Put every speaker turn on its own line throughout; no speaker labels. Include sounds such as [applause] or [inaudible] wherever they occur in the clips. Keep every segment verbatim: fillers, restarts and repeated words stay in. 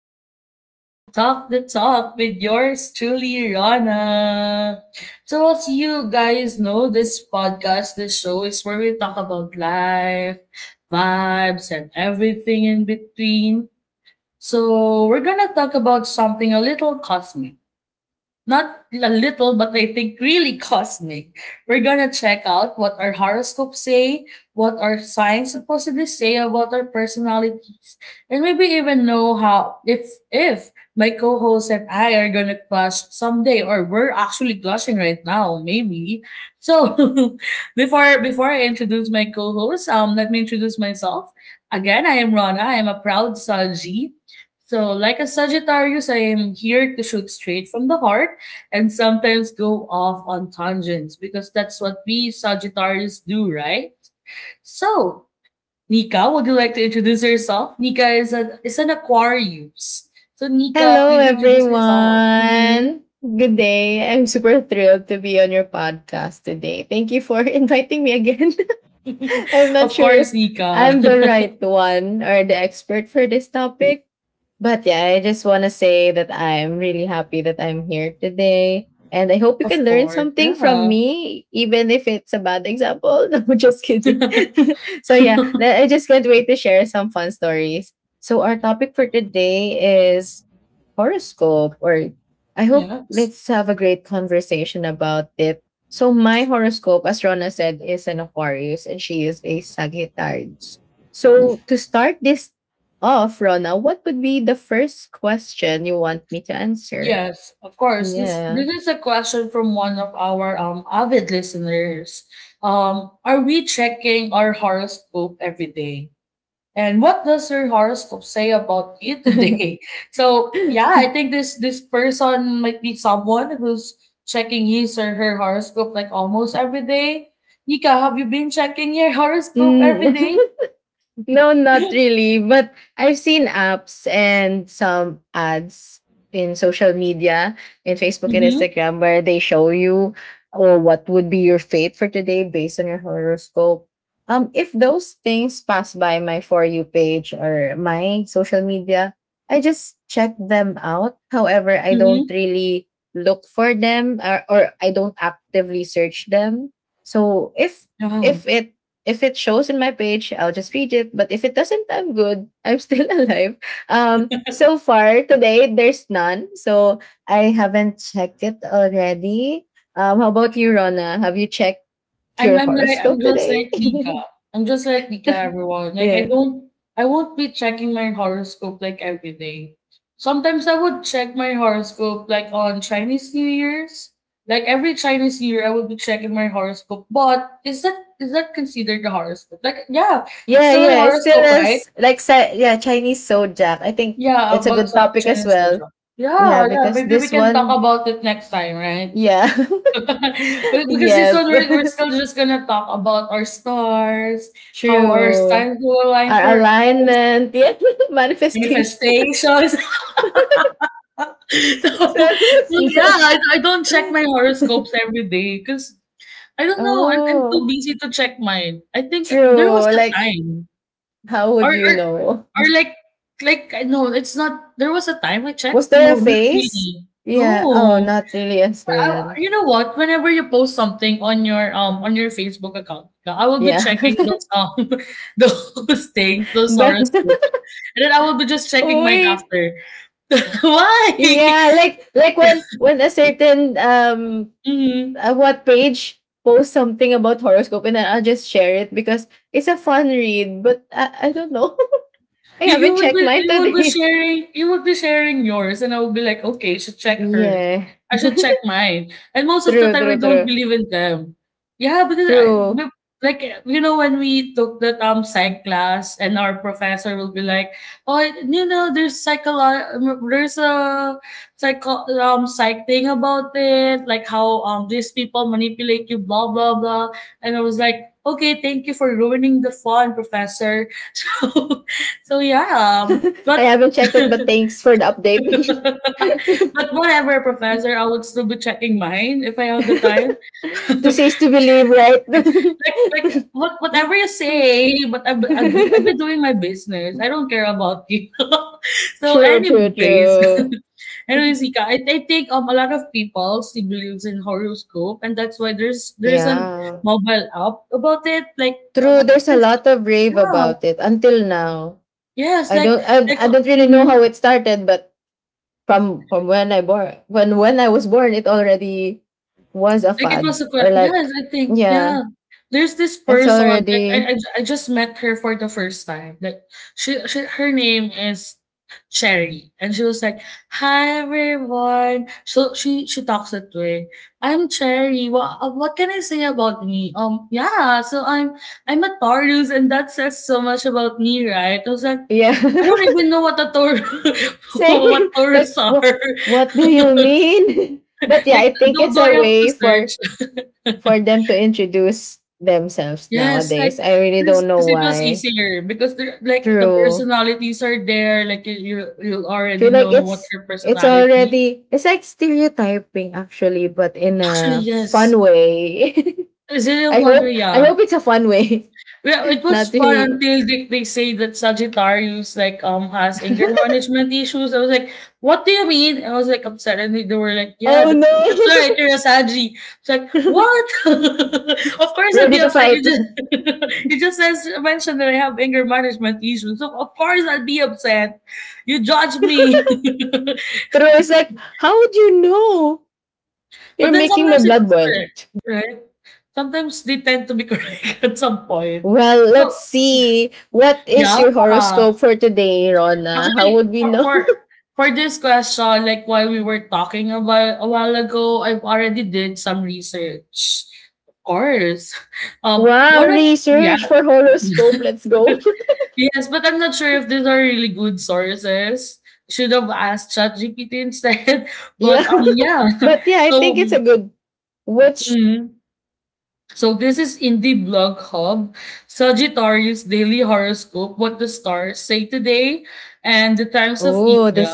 welcome back to Talk the Talk with yours truly, Rana. So, as you guys know, this podcast, this show is where we talk about life, vibes, and everything in between. So, we're gonna talk about something a little cosmic, not a little, but I think really cosmic. We're gonna check out what our horoscopes say, what our signs supposedly say about our personalities, and maybe even know how if if my co-host and I are gonna clash someday, or we're actually clashing right now, maybe. So, [laughs] before before I introduce my co-host, um, let me introduce myself. Again, I am Rana. I am a proud Saji. So, like a Sagittarius, I am here to shoot straight from the heart and sometimes go off on tangents because that's what we Sagittarius do, right? So, Nika, would you like to introduce yourself? Nika is an is an Aquarius. So, Nika,
Hello,
please introduce yourself. Hmm
everyone. Good day. I'm super thrilled to be on your podcast today. Thank you for [laughs] inviting me again. [laughs] I'm
[laughs]
not
of
sure if
course, Nika.
I'm the
[laughs]
right one or the expert for this topic, but yeah, I just want to say that I'm really happy that I'm here today. And I hope you can
Of
learn
course,
something from
yeah.
me, even if it's a bad example. [laughs] No, just kidding.
[laughs]
[laughs] so, yeah, le- I just can't wait to share some fun stories. So, our topic for today is horoscope, or I hope
Yes,
let's have a great conversation about it. So my horoscope, as Rona said, is an Aquarius and she is a Sagittarius. So to start this off, Rona, what would be the first question you want me to answer?
yes, of course. This
Yeah.
this is a question from one of our um avid listeners. Um, are we checking our horoscope every day? And what does your horoscope say about you
[laughs]
today? [laughs] So yeah, I think this this person might be someone who's checking his or her horoscope like almost every day. Nika, have you been checking your [laughs] horoscope
Mm.
every day?
[laughs] No, not
[gasps]
really. But I've seen apps and some ads in social media, in Facebook and
Mm-hmm.
Instagram, where they show you or what would be your fate for today based on your horoscope. Um, if those things pass by my for you page or my social media, I just check them out. However, I don't
Mm-hmm.
really look for them, or, or I don't actively search them. So if
Wow.
if it if it shows in my page, I'll just read it. But if it doesn't, I'm good. I'm still [laughs] alive. Um, so far today, there's none. So I haven't checked it already. Um, how about you, Rona? Have you checked
I'm
your
I'm like I'm
horoscope
just
today?
like
[laughs]
Nika. I'm just like Nika, everyone. Like I
Yeah.
don't I won't be checking my horoscope like every day. Sometimes I would check my horoscope like on Chinese New Year's. Like every Chinese New Year I would be checking my horoscope. But is that is that considered the horoscope? Like yeah, it's
Yeah,
still a
yeah. It's still
horoscope, right?
as like sa- yeah, Chinese zodiac. I think
Yeah,
it's a
about
good
South
topic as
China
well.
Soldier.
Yeah,
Yeah, yeah,
because
maybe we
this
can talk
one,
about it next time, right?
yeah.
[laughs] But
[laughs]
because this one,
Yes.
we're we're still just gonna talk about our stars,
[laughs]
how our
True.
stars will align
Our
for our
alignment, yeah, [laughs] manifestation.
manifestations. [laughs] So,
[laughs]
so
so,
yeah, I I don't
so-
check my horoscopes
[laughs]
every day because I don't know, I'm I'm too
oh,
busy to check mine. I think there was
true.
a
Like,
time
how
or
would you
or
know?
or like like, I know it's not there was a time I
Was
checked.
there
No,
a
not
face?
really.
Yeah. Oh,
No.
not really as
I,
well.
you know what? Whenever you post something on your um on your Facebook account, I will be
Yeah.
checking
[laughs]
those um [laughs] those things, those
but [laughs]
horoscopes, and then I will be just checking mine
Wait.
after. [laughs] Why?
Yeah, like like when when a certain um
[laughs] Mhm.
uh, what page posts something about horoscope and then I'll just share it because it's a fun read, but I, I don't know. [laughs] I
You you
haven't
would
checked
be
mine
you would be
today.
sharing you would be sharing yours, and I would be like, okay, I should check hers.
Yeah.
I should check
[laughs]
mine. And most of the
True,
time, I
true,
don't
true.
believe in them. Yeah, because I
True.
but, like you know when we took the um psych class, and our professor will be like, oh, you know, there's psycho there's a psycho um psych thing about it, like how um these people manipulate you, blah blah blah. And I was like, okay, thank you for ruining the fun, professor. [laughs] So so yeah,
[laughs]
um,
I
but
haven't checked it, but
[laughs]
thanks for the update.
but whatever, professor, I
[laughs]
would still be checking mine if I have the time.
to
[laughs]
see is to believe, right? [laughs]
Like like what whatever you say, but I I do, I've been doing my business. I don't care about you. [laughs] So
True, true,
anyways,
true.
[laughs] anyways, Ika, I, I think um a lot of people still believes in horoscope, and that's why there's there's a
Yeah.
mobile app about it. Like uh, I
True, there's a
can see-
lot of rave
yeah,
about it until now.
yes,
I
like
don't
like.
I, I
Uh,
don't really know
mhm.
how it started, but from from when I born when when I was born it already was a
Like it
fad,
was a que
or
yes,
like,
I think,
yeah.
yeah. There's this
It's
person, like I
already,
I I just met her for the first time. Like she she her name is Cherry, and she was like, "Hi everyone." So she she talks that way. I'm Cherry. What what can I say about me? Um, yeah. So I'm I'm a Taurus, and that says so much about me, right? I was like, I
yeah.
don't
[laughs]
even know what a Taurus [laughs]
Same.
what Taurus
Like,
are.
what what do you
[laughs]
mean? [laughs] But yeah,
Like,
I think
do
it's
do I
a
have to
way for
search?
for
[laughs]
them to introduce themselves
Yes, like
nowadays. I really
this
don't know
because it was
why.
easier because they're like the
True,
personalities are there, like you you you'll
true,
already
like
know what
it's
your
it's
personality.
already, it's like stereotyping actually, but in
Actually,
a fun
yes.
way.
Is it
[laughs]
in
I hope I
Korea?
hope it's a fun way.
Yeah, it
[laughs]
was
Not
fun
really.
until they, they say that Sagittarius like um has anger
[laughs]
management issues. I was like, what do you mean? I was like upset, and they, they were like, yeah,
Oh
that's, that's right,
no.
you're a Saggy. It's like
[laughs]
what? [laughs] Of course I'd
Ready
be
to
upset.
fight. [laughs]
You
True.
just [laughs] you just says, mentioned that I have anger management issues, so of course I'd be upset. You judge me, [laughs]
Is like, how would you know? You're
but then
making my
sometimes it
blood
was
boil.
correct, right? Sometimes they tend to be [laughs] correct at some point.
Well,
So
let's see. What is
yeah.
your horoscope for today, Rona? How would
Actually,
we
for
know?
for for this question, like while we were talking about a while ago, I've already did some research. Of course. [laughs]
[laughs]
Um
Wow,
one of yeah.
research for horoscope.
[laughs]
Let's go.
Yes, but I'm not sure if these are really good sources. Should have asked ChatGPT instead. [laughs]
[laughs]
But
Yeah.
um yeah.
[laughs] But yeah,
[laughs]
I
So
think it's a
mm,
good which
mm-hmm. So this is in the blog hub, Sagittarius Daily Horoscope, what the stars say today and the times of
Oh, the
India.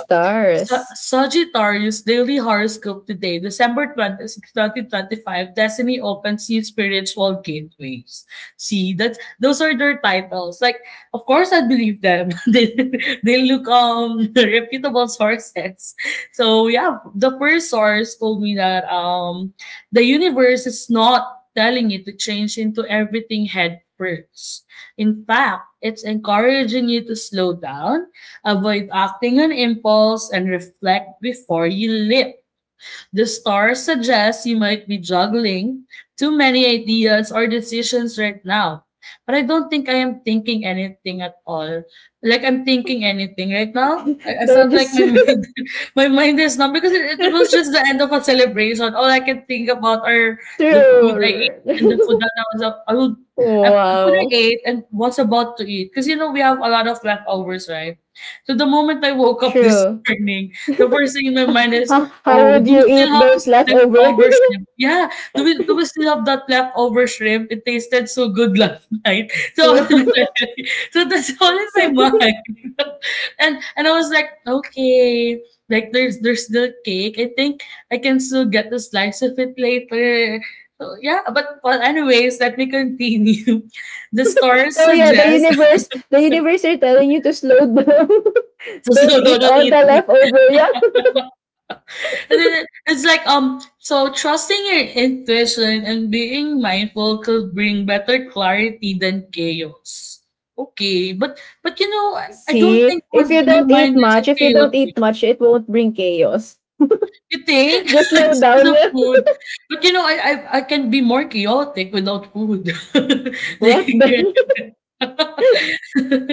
Sa- Sagittarius Daily Horoscope today, December twenty-sixth, twenty twenty-five, Destiny opens new spiritual gateways. See, that those are their titles. Like, of course I believe them. [laughs] they, they look um [laughs] reputable sources. So yeah, the first source told me that um the universe is not telling you to change into everything head first. In fact, it's encouraging you to slow down, avoid acting on impulse, and reflect before you leap. The star suggests you might be juggling too many ideas or decisions right now. But I don't think I am thinking anything at all. Like I'm thinking anything right now.
[laughs]
I, I
They're
felt like
just.
my [laughs] mind, my mind is numb because it, it was
[laughs]
just the end of a celebration. All I can think about are the food I ate
True.
and the food
[laughs]
that I was up. I would, I- the food I
Wow.
ate and was about to eat. Because you know we have a lot of leftovers, right? So the moment I woke up this
True.
[laughs] morning, the first thing in my mind
[laughs]
is,
how, how
oh,
would
do we
you
still
eat
have
those leftovers? [laughs]
leftover shrimp? Yeah, do we do we still have that leftover shrimp? It tasted so good last night. [laughs] So,
Wow.
[laughs] so that's all in my
so,
mind. [laughs] And and I was like, okay, like there's there's the cake. I think I can still get a slice of it later. So yeah, but well, anyways, let me continue. [laughs] The stars
so yeah, the
suggest [laughs]
universe, the universe are telling you to slow down. [laughs]
to
Don't
slow
eat
down on
all the
eating. [laughs]
leftover. Yeah.
And then it- it's like um so trusting your intuition and being mindful could bring better clarity than chaos. Okay, but but you know I I don't
See,
think my,
if you
my
don't
mind
eat
is
much, if you don't
chaotic.
eat much, it won't bring chaos.
You think
Just
[laughs]
slow
it's because
down.
of
Yeah.
food, but you know I I, I can be more chaotic without food. [laughs] Like,
What
[laughs]
the? [laughs]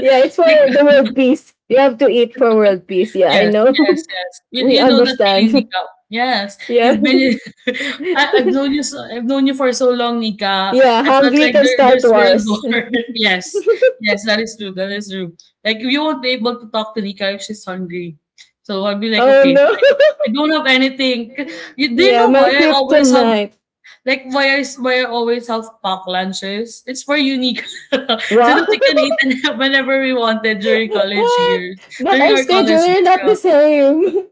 Yeah, it's for
like
the world peace. You have to eat for world peace. Yeah, I
yes, yes,
know.
yes.
[laughs]
You
We
you know that feeling,
understand. [laughs]
Nika. Yes,
Yeah.
you've been.
[laughs]
[laughs] I, I've known you. So, I've known you for so long, Nika.
Yeah,
I felt
hungry
like
can
there,
start
there's world
wars.
war.
[laughs]
[laughs] Yes, yes, that is true. That is true. Like you won't be able to talk to Nika if she's hungry. So I'll be like,
Oh
okay,
no.
I, I don't have anything. C-
[laughs]
You, do you
Yeah,
know
my
why I always have
kryptonite.
like why I s- why I always have packed lunches? It's for you, Nika, [laughs] so that
Wow.
we can eat [laughs] whenever we wanted
[laughs]
during college
What?
years,
But
during
our
our
schedule
college
scheduler
years.
not
Yeah.
the same.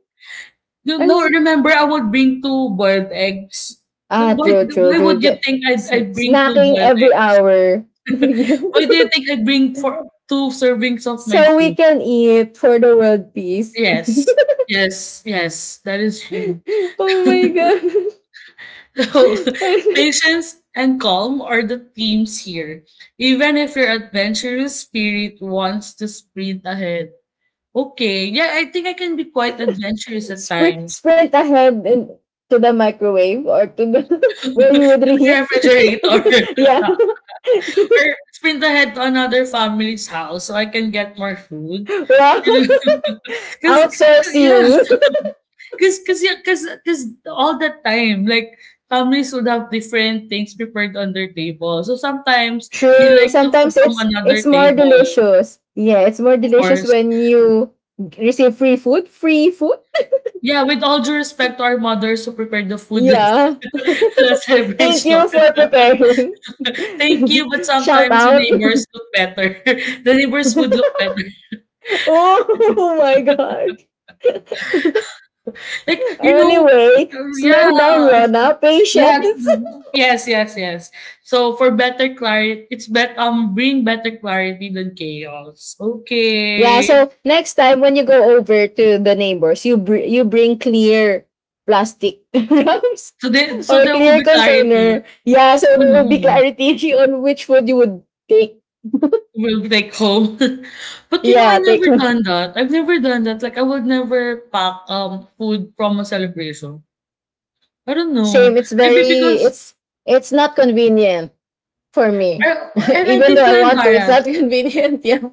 No,
[laughs] I'm
no,
s-
remember I would bring two boiled eggs. The
ah
why
true, true,
why
true.
would you
Ju-
think I'd
sn-
I'd bring two
snacking
boiled
every
eggs?
hour. [laughs] Yeah.
Why do you think I'd bring for two servings of my
So we
food?
can eat for the world peace.
Yes. Yes, yes, that is true. [laughs]
[laughs] Oh my god.
So,
[laughs]
patience and calm are the themes here. Even if your adventurous spirit wants to sprint ahead. Okay, yeah, I think I can be quite adventurous at
Sprint,
times.
sprint ahead and to the microwave, or to the, [laughs] where you would
[laughs] The
reheat.
refrigerator,
[laughs] Yeah. [laughs]
or sprint ahead to another family's house so I can get more food. [laughs]
Wow. [laughs]
Because yeah,
Outsourcing.
because because because because all that time, like families would have different things prepared on their table. So sometimes
[laughs]
you
True.
like the food
Sometimes
from
it's it's
another
more
table,
delicious. Yeah, it's more
of
delicious
course.
when you receive free food. Free food?
Yeah, with all due respect to our mothers who prepared the food last
Yeah.
[laughs] last
[laughs] Thank
celebration.
you for preparing.
Thank you, but
[laughs] Shout
sometimes the
out.
neighbors look better. [laughs] The neighbors would look
[laughs]
better.
Oh my gosh. [laughs]
Like, you know,
Anyway,
yeah,
slow down, Rona.
yeah.
Patience.
Mhm. Yes, yes, yes. So for better clarity, it's bet um bring better clarity than chaos.
[laughs] Yeah.
Okay.
So next time when you go over to the neighbors, you br- you bring clear plastic [laughs] wraps
So there so
or
there will
clear
be clarity.
container. Yeah. So
Oh
there will be
no.
clarity [laughs] on which food you would take.
We'll be like home. [laughs] But you know, I
Yeah. Take
never
home.
done that. I've never done that. Like I would never pack um food from a celebration. I don't know.
Same. It's
Maybe
very.
because
It's it's not convenient for
I,
me.
or-
[laughs]
and I'd
Even
be
though
too
I want to, it's not [laughs]
embarrassed.
convenient. Yeah.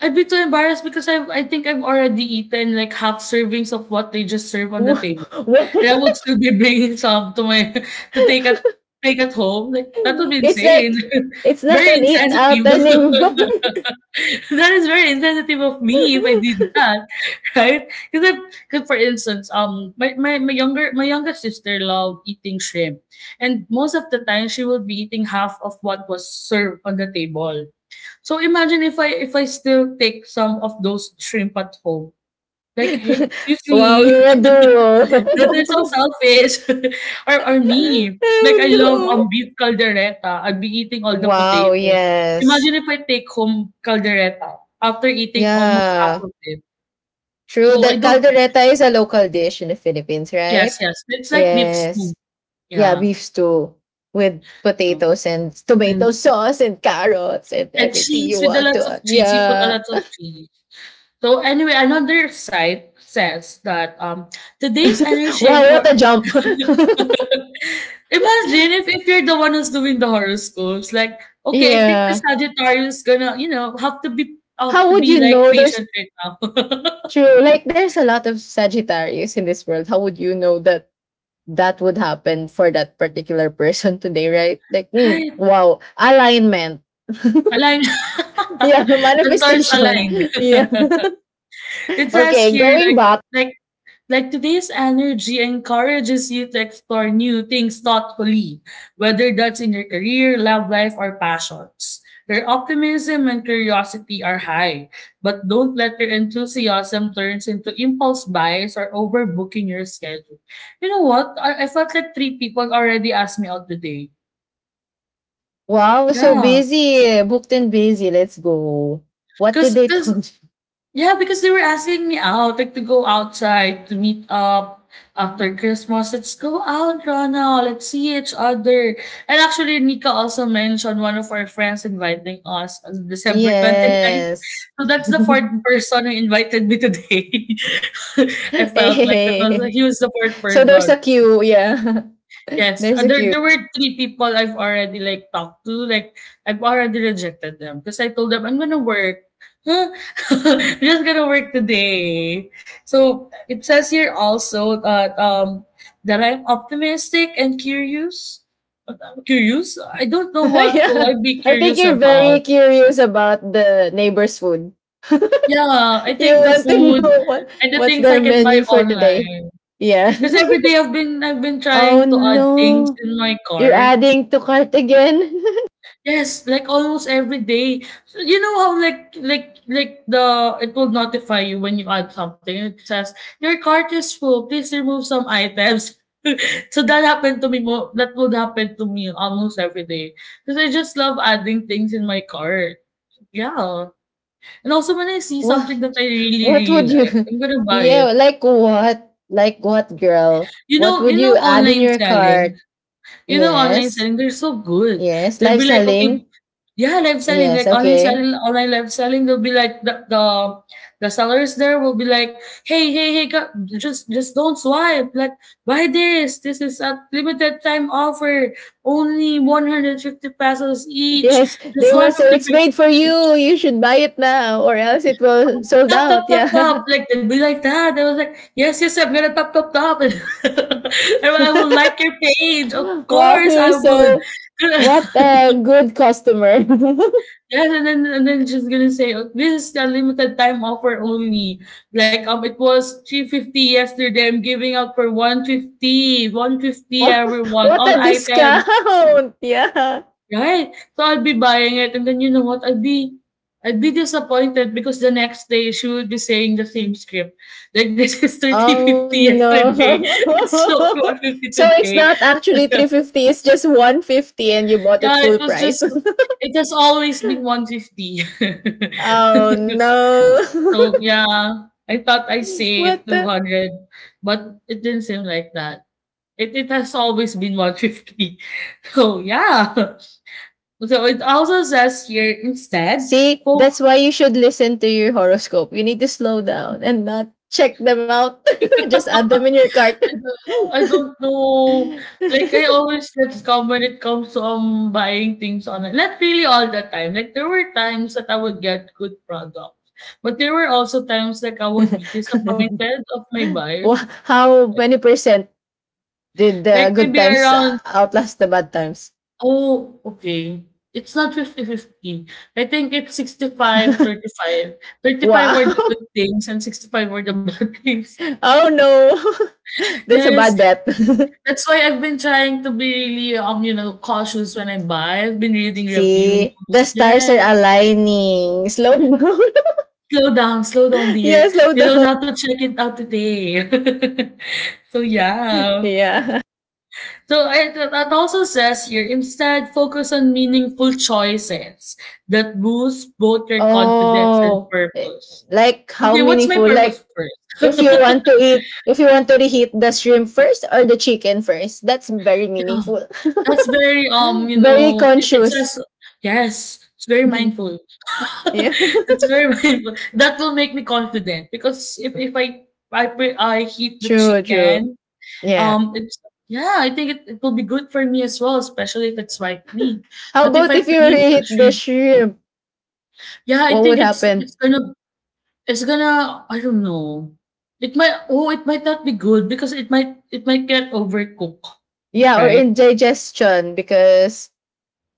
I'd be too embarrassed because I I think I've already eaten like half servings of what they just serve on the
Wha-
table. And I
[laughs]
would still be bringing some to my [laughs] to take at take at home, like, that would be
it's like,
insane.
it's
[laughs]
not
Very
an eat
insensitive.
out anymore.
[laughs] That is very insensitive of me if I did
[laughs]
that, [laughs] right? 'Cause because for instance, um, my my my younger my younger sister loved eating shrimp, and most of the time she would be eating half of what was served on the table. So imagine if I if I still take some of those shrimp at home. Like, "Hey, excuse
[laughs] Wow,
me."
we're a
[laughs] That is so
duo. [laughs]
selfish. [laughs] Or or me, like I
Oh
love, um,
no.
beef caldereta. I'd be eating all the
Wow,
potatoes.
yes.
Imagine if I take home caldereta after eating almost half
Yeah.
of it.
True
So I
that
don't.
caldereta is a local dish in the Philippines,
Yes,
right?
yes, it's like beef stew.
Yes. Yeah,
Yeah.
beef stew with
No.
potatoes and tomato
And
sauce and carrots and
and
everything
cheese
you
with a
want
lots
to
of
add.
cheese. You put a
Yeah.
lot of cheese. So anyway, another site says that um today's
[laughs] Wow,
energy and
what a jump.
[laughs] imagine if
[laughs]
if you're the one who's doing the horoscopes, like, okay, I think the
Yeah.
Sagittarius gonna, you know, have to be have
How
to
would
be
you
like
know there's,
patient right now.
true, like there's a lot of Sagittarius in this world. How would you know that that would happen for that particular person today, right? Like, mm,
[laughs] Hi,
wow, alignment.
align.
Yeah, [laughs]
[laughs] The stars
manifestation.
aligned.
[laughs] Yeah.
[laughs]
[laughs]
It says
Okay,
here
going
like
back.
like Like today's energy encourages you to explore new things thoughtfully, whether that's in your career, love life, or passions. Your optimism and curiosity are high, but don't let your enthusiasm turns into impulse buys or overbooking your schedule. You know what? I, I felt like three people already asked me out today.
Wow, so
Yeah,
busy. Booked and busy. Let's go. What did
because
they tell you?
Yeah, because they were asking me out, like to go outside to meet up after Christmas. Let's go out, Rana. Let's see each other. And actually, Nika also mentioned one of our friends inviting us on December twenty ninth.
Yes.
So
[laughs]
that's the fourth person who invited me today. [laughs] I
Hey. Hey,
felt like that was
hey.
he was the fourth
So there's
person.
a queue. Yeah. [laughs]
Yes,
There's
uh,
a
there
queue.
there were three people I've already, like, talked to, like, I've already rejected them because I told them, "I'm gonna work." "Huh? [laughs] I'm just gonna work today." So, it says here also that, um, that I'm optimistic and curious. Uh, curious? I don't know
[laughs]
what will
Yeah.
I be
I think
curious
you're very
about.
curious about the neighbor's food.
Yeah, I
You
think the
want to
food
know what
and the
what's
things
their
I can buy
menu for today?
online.
Yeah.
Cause 'Cause every day I've been I've been
[laughs] Oh
trying to add things
no,
in my
you're
car.
adding to cart again.
Yes, like almost every day. So you know how like like like the it will notify you when you add something. It says your cart is full. Please remove some items. [laughs] So that happened to me more. That would happen to me almost every day because I just love adding things in my cart. Yeah, and also when I
[laughs]
see
what
something that I really
what
really
would you?
like, I'm
[laughs]
gonna buy it.
Yeah, like what? Like what, girl?
You
What
know,
would
you know
you add in
online
your
selling.
cart?
You know online
Yes,
selling. They're so good.
yes.
They'll
Live
be like, okay,
selling.
yeah, live selling,
Yes.
like online
Okay.
selling, online live selling. They'll be like the the the sellers there will be like, hey, hey, hey, co- just just don't swipe. Like, buy this. This is a limited time offer. Only one hundred fifty pesos each.
Yes,
Just
they will
one
say
fifty
it's made
pesos
for
each.
you. You should buy it now, or else it will
Um,
sold
Top, top,
out.
top,
Yeah.
top. Like they'll be like that. I was like, yes, yes, I'm gonna top, top, top. [laughs] And I will like your page. Of
[laughs] Wow,
course,
you're
I would.
so what
[laughs]
a good customer. [laughs]
Yes, and then and then she's gonna say, "Oh, this is the limited time offer only. Like um, it was three fifty yesterday. I'm giving out for one fifty, one fifty
Wow,
everyone,
what
all
a
items,
discount! [laughs] Yeah.
right? So I'll be buying it, and then you know what? I'd be, I'd be disappointed because the next day she would be saying the same script. Like [laughs] this is thirty
Oh
fifty
no.
yesterday. [laughs] It's not one
[laughs]
fifty
So it's
today.
not actually
[laughs]
three fifty, it's just one fifty and you bought it
Yeah, it
full
was
price.
just. It has always been one fifty.
[laughs] Oh
[laughs]
no.
So, yeah, I thought I
[laughs]
saved
What the?
two hundred, but it didn't seem like that. It it has always been one fifty. [laughs] So, yeah. So it also says here instead,
See,
folk
that's why you should listen to your horoscope. You need to slow down and not check them out. [laughs] Just add them in your cart.
I don't I don't know. Like I always get scammed when it comes to um buying things online. Not really all the time. Like there were times that I would get good products, but there were also times like I would be disappointed of my
[laughs] Wha-
buyers.
How
Like
many percent did the
like
good
maybe
times uh,
around
outlast the bad times?
oh, okay, it's not fifty-fifty. I think it's sixty-five,
[laughs]
thirty-five. thirty-five were the
Wow.
good things and sixty-five were the bad [laughs] things.
[laughs] Oh no. [laughs] That's a
Yes,
bad bet.
that's why I've been trying to be really, um, you know, cautious when I buy. I've been
[laughs]
reading reviews.
See, the stars are
Yes.
aligning. Slow down. [laughs]
Slow down, slow down,
Yeah,
dear.
slow
You don't
down.
have to check it out today. [laughs] So
[laughs]
yeah.
Yeah.
So it, that also says here, instead, focus on meaningful choices that boost both your confidence and
Oh, eh,
purpose.
like how
Okay, what's my
meaningful?
purpose
Like if you
first?
want
[laughs]
to eat, if you want to reheat the shrimp first or the chicken first, that's very
Yeah,
meaningful.
that's very um,
[laughs]
you
Very
know, it, it's
conscious.
just. Yes, it's very
[laughs]
mindful. [laughs]
Yeah. [laughs]
It's very mindful. That will make me confident because if if I I pre- I heat the
True, true.
chicken,
Yeah.
um, it's yeah, I think it, it will be good for me as well, especially if it's white meat.
How
But if
about
I
if you
preheat the
reheat the
shrimp.
shrimp?
Yeah, I
What would
think it's
happen?
it's gonna it's gonna I don't know. It might oh, it might not be good because it might it might get overcooked,
Yeah, or
right?
indigestion because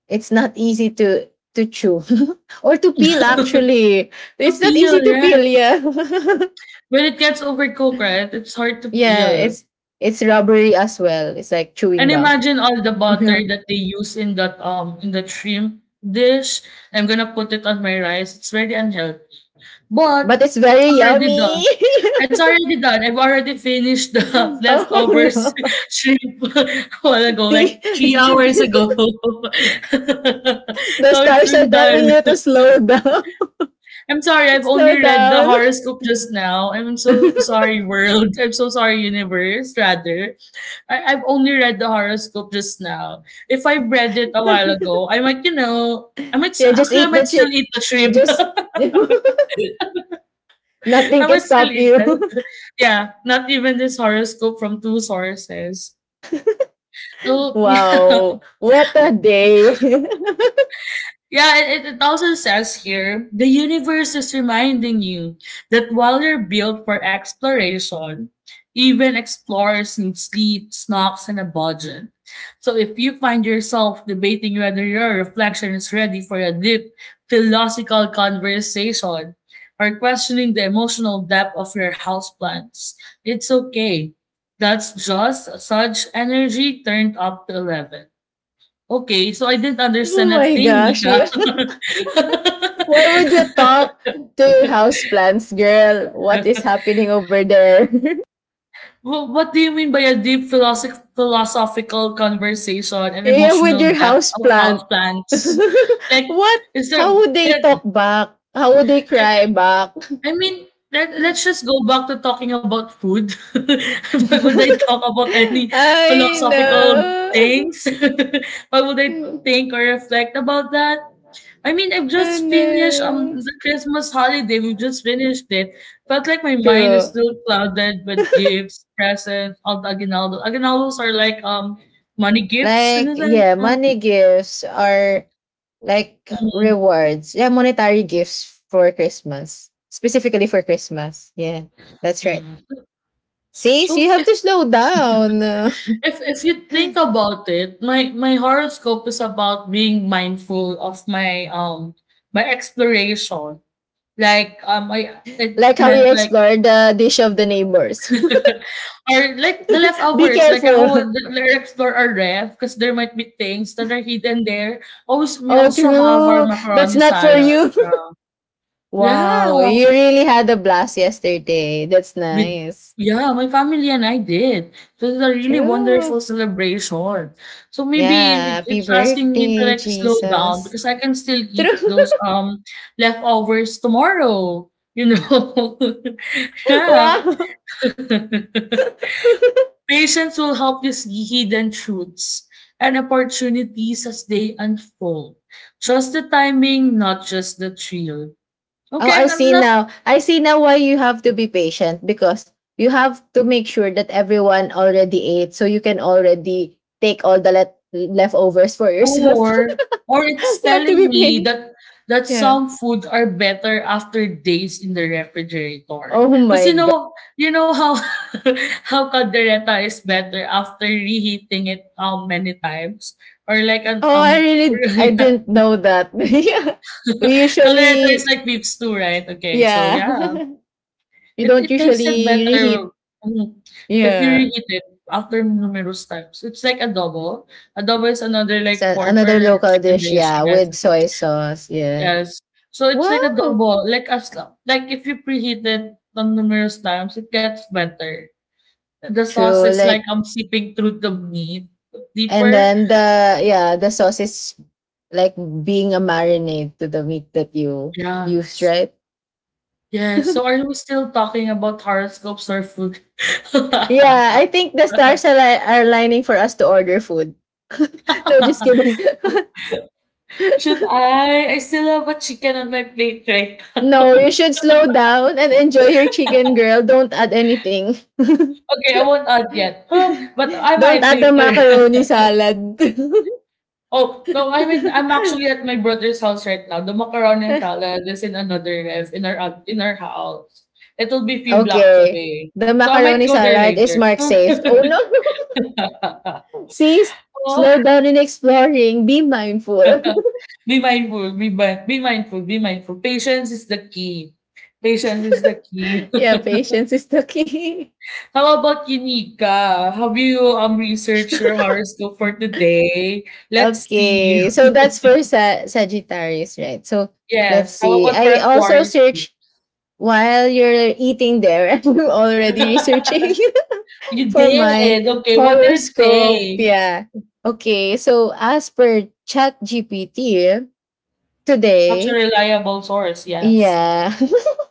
it's not easy to to chew [laughs] or to peel. Actually,
[laughs] To
it's not
peel,
easy to peel.
right?
Yeah, [laughs]
When it gets overcooked, right, it's hard to
yeah,
peel.
it's it's rubbery as well. It's like chewing
And
gum.
imagine all the
[laughs] Oh
butter
yeah,
that they use in that um in that shrimp dish. I'm gonna put it on my rice. It's very unhealthy, but
but it's
it's
very
already
yummy.
done. It's already done. I've already finished the [laughs]
[laughs] Oh
leftovers
no.
[laughs]
[laughs]
shrimp [laughs] a while ago, like three
The,
hours ago. [laughs]
the
So it's
stars are
been
telling
done.
you to slow down.
[laughs] I'm sorry,
[laughs]
I've only
Slow
read the
down.
horoscope just now. I'm so sorry,
[laughs]
world. [laughs] I'm so sorry, universe, rather. I- I've only read the horoscope just now. If I read it a while ago, I might, you know, I might, s-
Yeah, just
actually, I
eat the
might still
chick.
eat the shrimp.
Just [laughs]
[laughs]
nothing
I
can
might still
stop
eat that.
you. [laughs]
Yeah, not even this horoscope from two sources. So, [laughs] yeah.
Wow, what a day.
Yeah, it, it it also says here the universe is reminding you that while you're built for exploration, even explorers need sleep, snacks, and a budget. So if you find yourself debating whether your reflection is ready for a deep philosophical conversation or questioning the emotional depth of your houseplants, it's okay. That's just such energy turned up to eleven. Okay, so I didn't
[laughs] Oh
understand a
my
thing,
gosh.
Nika.
Yeah.
[laughs]
[laughs] Why would you talk to your houseplants, girl? What is happening over there?
Wh- What do you mean by a deep philosoph philosophical conversation
[laughs]
and
Yeah, with
emotional
your
depth of
houseplant. [laughs]
houseplants? Like,
What?
is there,
How would they
can,
talk back? How would they
can,
cry back?
I mean, let, let's just go back to talking about food. [laughs] Why
[laughs]
would I talk about any
I
philosophical
know.
things? [laughs] Why would I think
[laughs]
or reflect about that? I mean, I've
I
just finished um
know.
the Christmas holiday. We've just finished it. Felt like my mind is
True.
still clouded with gifts, presents, all the aguinaldo. Aguinaldos are like um money gifts in
Like,
a sense.
yeah,
Uh,
money gifts are like
mm,
rewards. Yeah, monetary gifts for Christmas, specifically for Christmas. Yeah, that's right.
mm.
See, so
So
you have
if
to slow down. Uh,
if if you
[laughs]
think about it, my my horoscope is about being mindful of my um my exploration. Like um I it
like how
meant
you
like
explore the dish of the neighbors.
[laughs] or like the
[laughs] Be
leftovers, like a whole
careful. [laughs]
the explore our ref because there might be things that are hidden there. Always we
Oh,
also have our
true. That's
macaroni
not for
salad.
you.
Uh,
[laughs] Wow,
yeah,
you really had a blast yesterday. That's
with
nice.
yeah, my family and I did. So it's a really
True.
wonderful celebration. So maybe
Yeah,
it,
happy
it's asking me to
birthday,
like slow down
Jesus.
because I can still eat
True.
those um leftovers tomorrow. You know, [laughs]
[laughs]
yeah.
Wow.
[laughs]
[laughs]
Patience will help you see hidden truths and opportunities as they unfold. Trust the timing, not just the thrill.
Oh,
Okay,
I
I'm I'm
see
not
now. I see now why you have to be patient because you have to make sure that everyone already ate so you can already take all the let- leftovers for yourself.
poor, or
[laughs]
it's
You have to
telling
be
me
patient.
that that
Yeah.
some food are better after days in the refrigerator.
Oh
Because
my
you
god.
know, you know how [laughs] how caldereta is better after reheating it um many times or like an
Oh, I
um [laughs]
really d- I
yeah.
didn't know that. [laughs] Yeah. We
Caldereta is
usually
like beef stew, right? Okay, so
yeah.
yeah.
[laughs] We
It
don't
it tasted
usually
better,
reheat.
mm, if you
Yeah.
reheat it after numerous times. It's like adobo. Adobo is another
It's
like
a-
pork
another
or
local
chicken
dish,
dish,
yeah,
yes,
with soy sauce. Yeah.
yes. So it's like
Wow.
adobo, like as lo like if you preheat it on numerous times, it gets better. The sauce
True.
is like,
Like.
I'm seeping through the meat
And
deeper.
then the, yeah, the sauce is like being a marinade to the meat that you use,
Yes.
right?
Yes, so are we still talking about horoscopes or food?
Yeah, I
[laughs]
think the stars are, li- are lining for us to order food. [laughs] No, just kidding. [laughs]
Should I? I still have a chicken on my plate right
No,
now.
you should
[laughs]
slow down and enjoy your chicken, girl. Don't add anything. [laughs]
Okay, I won't add yet, huh, but I
Don't
might
add the
later. [laughs]
macaroni salad.
Oh, no, I mean, I'm actually at my brother's house right now. The macaroni and
[laughs]
salad is in another ref in our out in our house. It'll be few blocks
Okay.
away,
The
so I might
macaroni
go there
salad is
later.
mark
[laughs]
saved. Oh no. [laughs] Sis,
Oh,
slow down in exploring. Be mindful.
[laughs] be mindful, be mi be mindful, be mindful. Patience is the key. Patience is the key.
[laughs] Yeah, patience is the key.
How about you, Nika? Have you um researched your horoscope for today? Let's see.
Okay,
[laughs]
so that's for Sa- Sagittarius, right? So let's
Yes. How
see.
about for
I also
Aquarius?
search while you're eating there. [laughs] I'm already researching [laughs]
You
for my
did. Okay. What did it
horoscope.
say?
Yeah. Okay, so as per ChatGPT,
Such a
today
reliable source. Yes.
Yeah.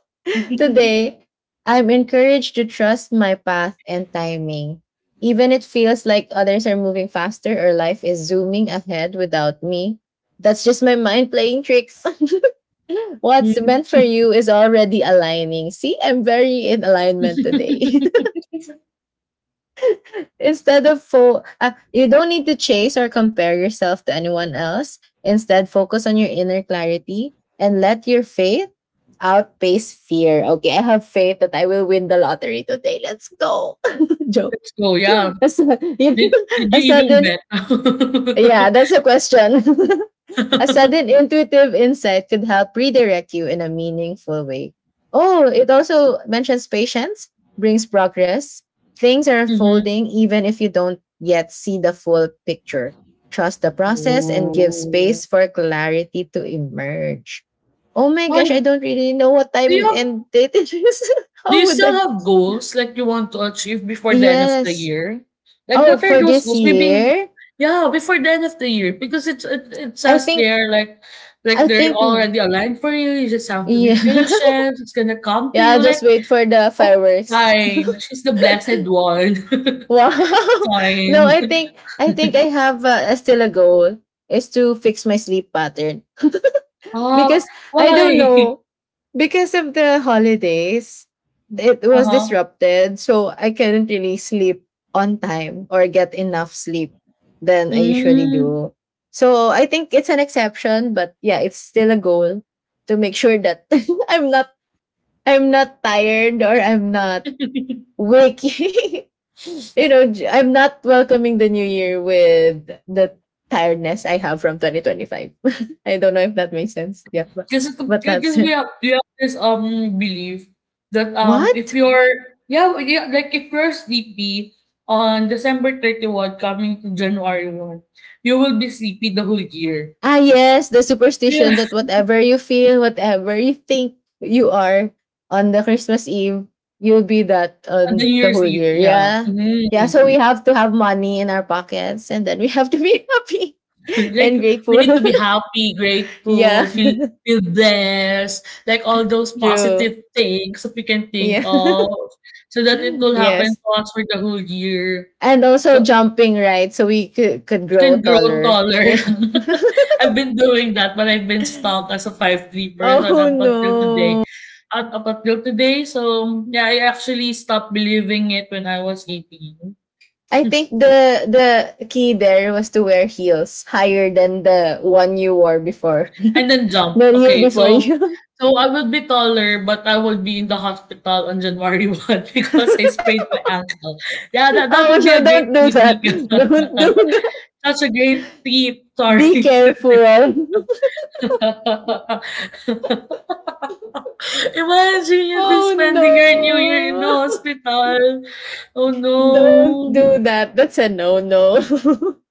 [laughs]
[laughs]
Today, I'm encouraged to trust my path and timing. Even it feels like others are moving faster or life is zooming ahead without me. That's just my mind playing tricks. [laughs] What's meant for you is already aligning. See, I'm very in alignment today. [laughs] Instead of fo- uh, you don't need to chase or compare yourself to anyone else. Instead, focus on your inner clarity and let your faith outpace fear. Okay, I have faith that I will win the lottery today. Let's go. [laughs] Joke.
Let's go. Yeah.
[laughs] A, su- [laughs]
Did, did
a
you even
sudden,
bet? [laughs]
yeah, that's a question. [laughs] A sudden intuitive insight could help redirect you in a meaningful way. Oh, it also mentions patience, brings progress. Things are
Mm-hmm.
unfolding even if you don't yet see the full picture. Trust the process and give
Oh.
space for clarity to emerge. Oh my
Why?
gosh, I don't really know what
Do
time
you
and date it is. [laughs]
Do
How
you
would
still
I?
have goals like you want to achieve before the end of the
Yes.
year? Like
Oh,
what are
for
those
this
goals? Maybe
year,
yeah, before the end of the year because it's it, it
I
says
think,
there like like
I
they're
think,
already aligned for you. You just have to be
yeah, [laughs]
patient. It's gonna come to
yeah. I'll
you. Like
just wait for the
oh
fireworks.
fine, she's the
[laughs]
blessed one.
Wow.
[laughs]
[laughs] No,
Fine.
I
[laughs]
think I think I have uh, still a goal is to fix my sleep pattern. [laughs]
Oh
Because I don't
why? [laughs]
know, because of the holidays it
Uh
was
huh.
disrupted, so I couldn't really sleep on time or get enough sleep than I usually
Mm.
do. So I think it's an exception, but yeah, it's still a goal to make sure that [laughs] I'm not I'm not tired or I'm not waking. [laughs] you know, j- I'm not welcoming the new year with the tiredness I have from twenty twenty-five. [laughs] I don't know if that makes sense. Yeah, but,
This
but that's
because we
it.
have we have this um belief that um if
What?
you're yeah we- yeah like if you're sleepy on December thirty-first coming to January first, you will be sleepy the whole year.
Ah, yes, the
Yeah,
superstition that whatever you feel, whatever you think you are on the Christmas Eve, you'll be that
[laughs] the
on
New
the
Year's
whole
Eve.
year.
Yeah.
Yeah. Yeah,
Mhm.
so we have to have money in our pockets and then we have to be [laughs] happy
[laughs] like
and
we
grateful.
need to be
[laughs]
happy,
yeah,
grateful, feel feel blessed, like all those
[laughs] true.
positive things that we can think
Yeah.
of, so that it
[laughs] [laughs]
will happen
yes.
to us for the whole year.
And also
So
jumping, right? So we could, could
you
grow
can grow
taller.
taller.
Yeah. [laughs]
[laughs] I've been doing that, but I've been stuck as a five-three person
oh
up until today.
no.
Up, up until today, so yeah, I actually stopped believing it when I was eighteen.
I
[laughs]
think the the key there was to wear heels higher than the one you wore before. [laughs]
and then jump.
the year
Okay,
before
so
you.
so I would be taller, but I would be in the hospital on January [laughs] one because I sprained my ankle. Yeah,
[laughs]
that, that
oh
would be
no,
a
don't
great
do
tip,
that.
Nika. [laughs]
Don't do that.
That's a great tip.
Be
Sorry.
careful.
[laughs]
[laughs]
[laughs] Imagine you'll be
oh
spending your New
no.
Year in the
[laughs]
hospital. Oh,
Don't
no.
do that. That's a no no. [laughs]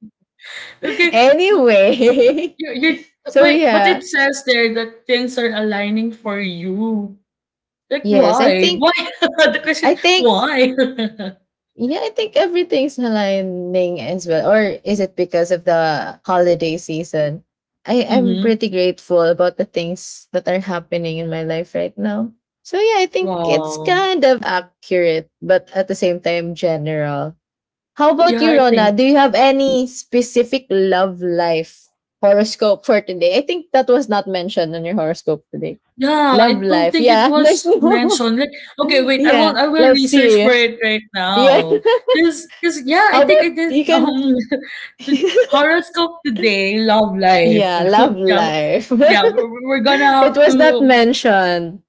Okay. Oh,
anyway. [laughs]
You're, you're,
So
wait, but it
yeah.
says there that things are aligning for you. Like,
Yes, I
why?
think
Why? [laughs] the
I
question,
think
why?
yeah, I think everything's aligning as well. Or is it because of the holiday season? I
[laughs]
am
Hmm.
pretty grateful about the things that are happening in my life right now. So yeah, I think it's
Wow.
kind of accurate, but at the same time general. How about
Yeah,
you,
I
Rona?
think.
Do you have any specific love life horoscope for today? I think that was not mentioned on your horoscope today.
Yeah,
Love
I don't
life.
think it
Yeah, [laughs] there's
was
no. [laughs]
mentioned. Like, okay, wait, I
Yeah,
will I will
let's
research for
see.
it right
Yeah.
now. Cause, cause, yeah,
How
I think I
about
did
you can
um
[laughs]
[laughs] the horoscope today, love life.
yeah,
[laughs]
love
yeah,
life.
yeah, we're, we're
[laughs]
gonna
it
have
was not
to
mentioned.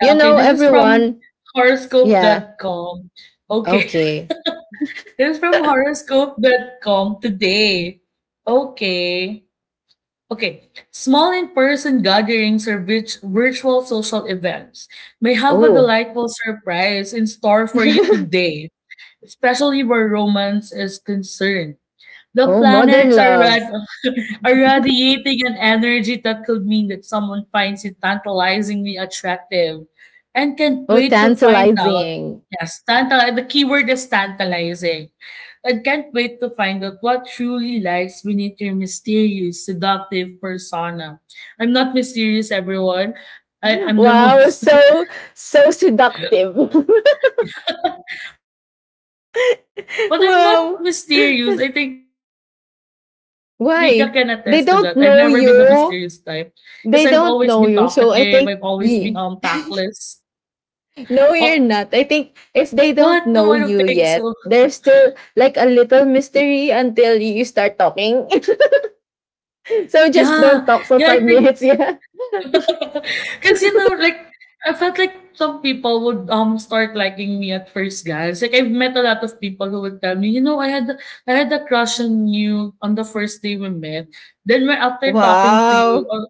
You
yeah, okay,
know
this is from
everyone.
horoscope
Yeah.
dot com. Okay,
Okay.
[laughs] this is from horoscope dot com today. Okay. Okay. Small in-person gatherings or virt- virtual social events may have a
Oh.
delightful surprise in store for
[laughs]
you today, especially where romance is concerned. The
oh, modern
planets are red
love.
are radiating an energy that could mean that someone finds it tantalizingly attractive and can't
Oh,
wait to find out.
tantalizing.
Yes, tantal- the keyword is tantalizing. And can't wait to find out what truly lies beneath your mysterious, seductive persona. I'm not mysterious, everyone. I'm the [laughs]
Wow,
most
so so seductive.
[laughs] but I'm not mysterious. I
[laughs]
think Nika can
wow.
attest to that. I've never been the mysterious type because
Why?
I've
They
always
don't
been
know you.
talkative. I've always been um
They don't know
tactless.
you. So I think yeah.
Oh,
No, you're not. I think
what?
if
No, I
they
don't
don't
think
know
so.
you
[laughs]
yet, there's still like a little mystery until you start talking. [laughs] so just don't
Yeah,
talk for
yeah,
five
I think
minutes. Yeah. [laughs]
[laughs] because you know, like I felt like some people would um start liking me at first, guys. Like I've met a lot of people who would tell me, you know, I had I had a crush on you on the first day we met. Then when after talking to you,
Wow.
or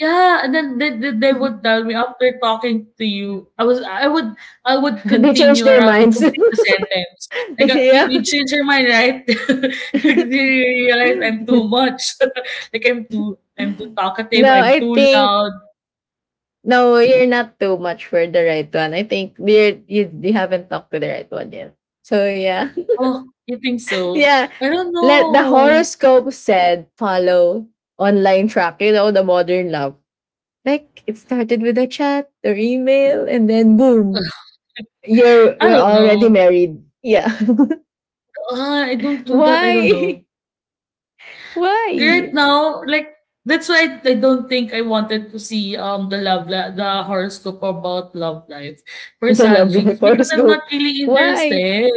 yeah, and then they, they, they would tell me after talking to you, I was I would I would
they change
continue or
their
I would
minds.
complete the
[laughs]
sentence. Like uh, you,
yeah.
you change your mind, right? [laughs] you
[laughs]
realize I'm too much. [laughs] like I'm too I'm too talkative.
no,
I'm
I
too
think
loud.
no, you're not too much for the right one. I think you're, you you haven't talked to the right one yet. So yeah,
Oh, you think
[laughs]
so?
yeah.
I don't
Let the
know.
horoscope said follow online track. You know the modern love. Like it started with a chat or email, and then boom,
[sighs] [laughs]
you're
I
you're
don't
already
know.
married. Yeah. [laughs]
Uh, I don't do that. I don't
Why?
know.
[laughs]
Right
Why?
now, like that's why I don't think I wanted to see um the love li- the horoscope about love life for
The love
Sanji's
life
because I'm not
horoscope.
really
Why?
interested.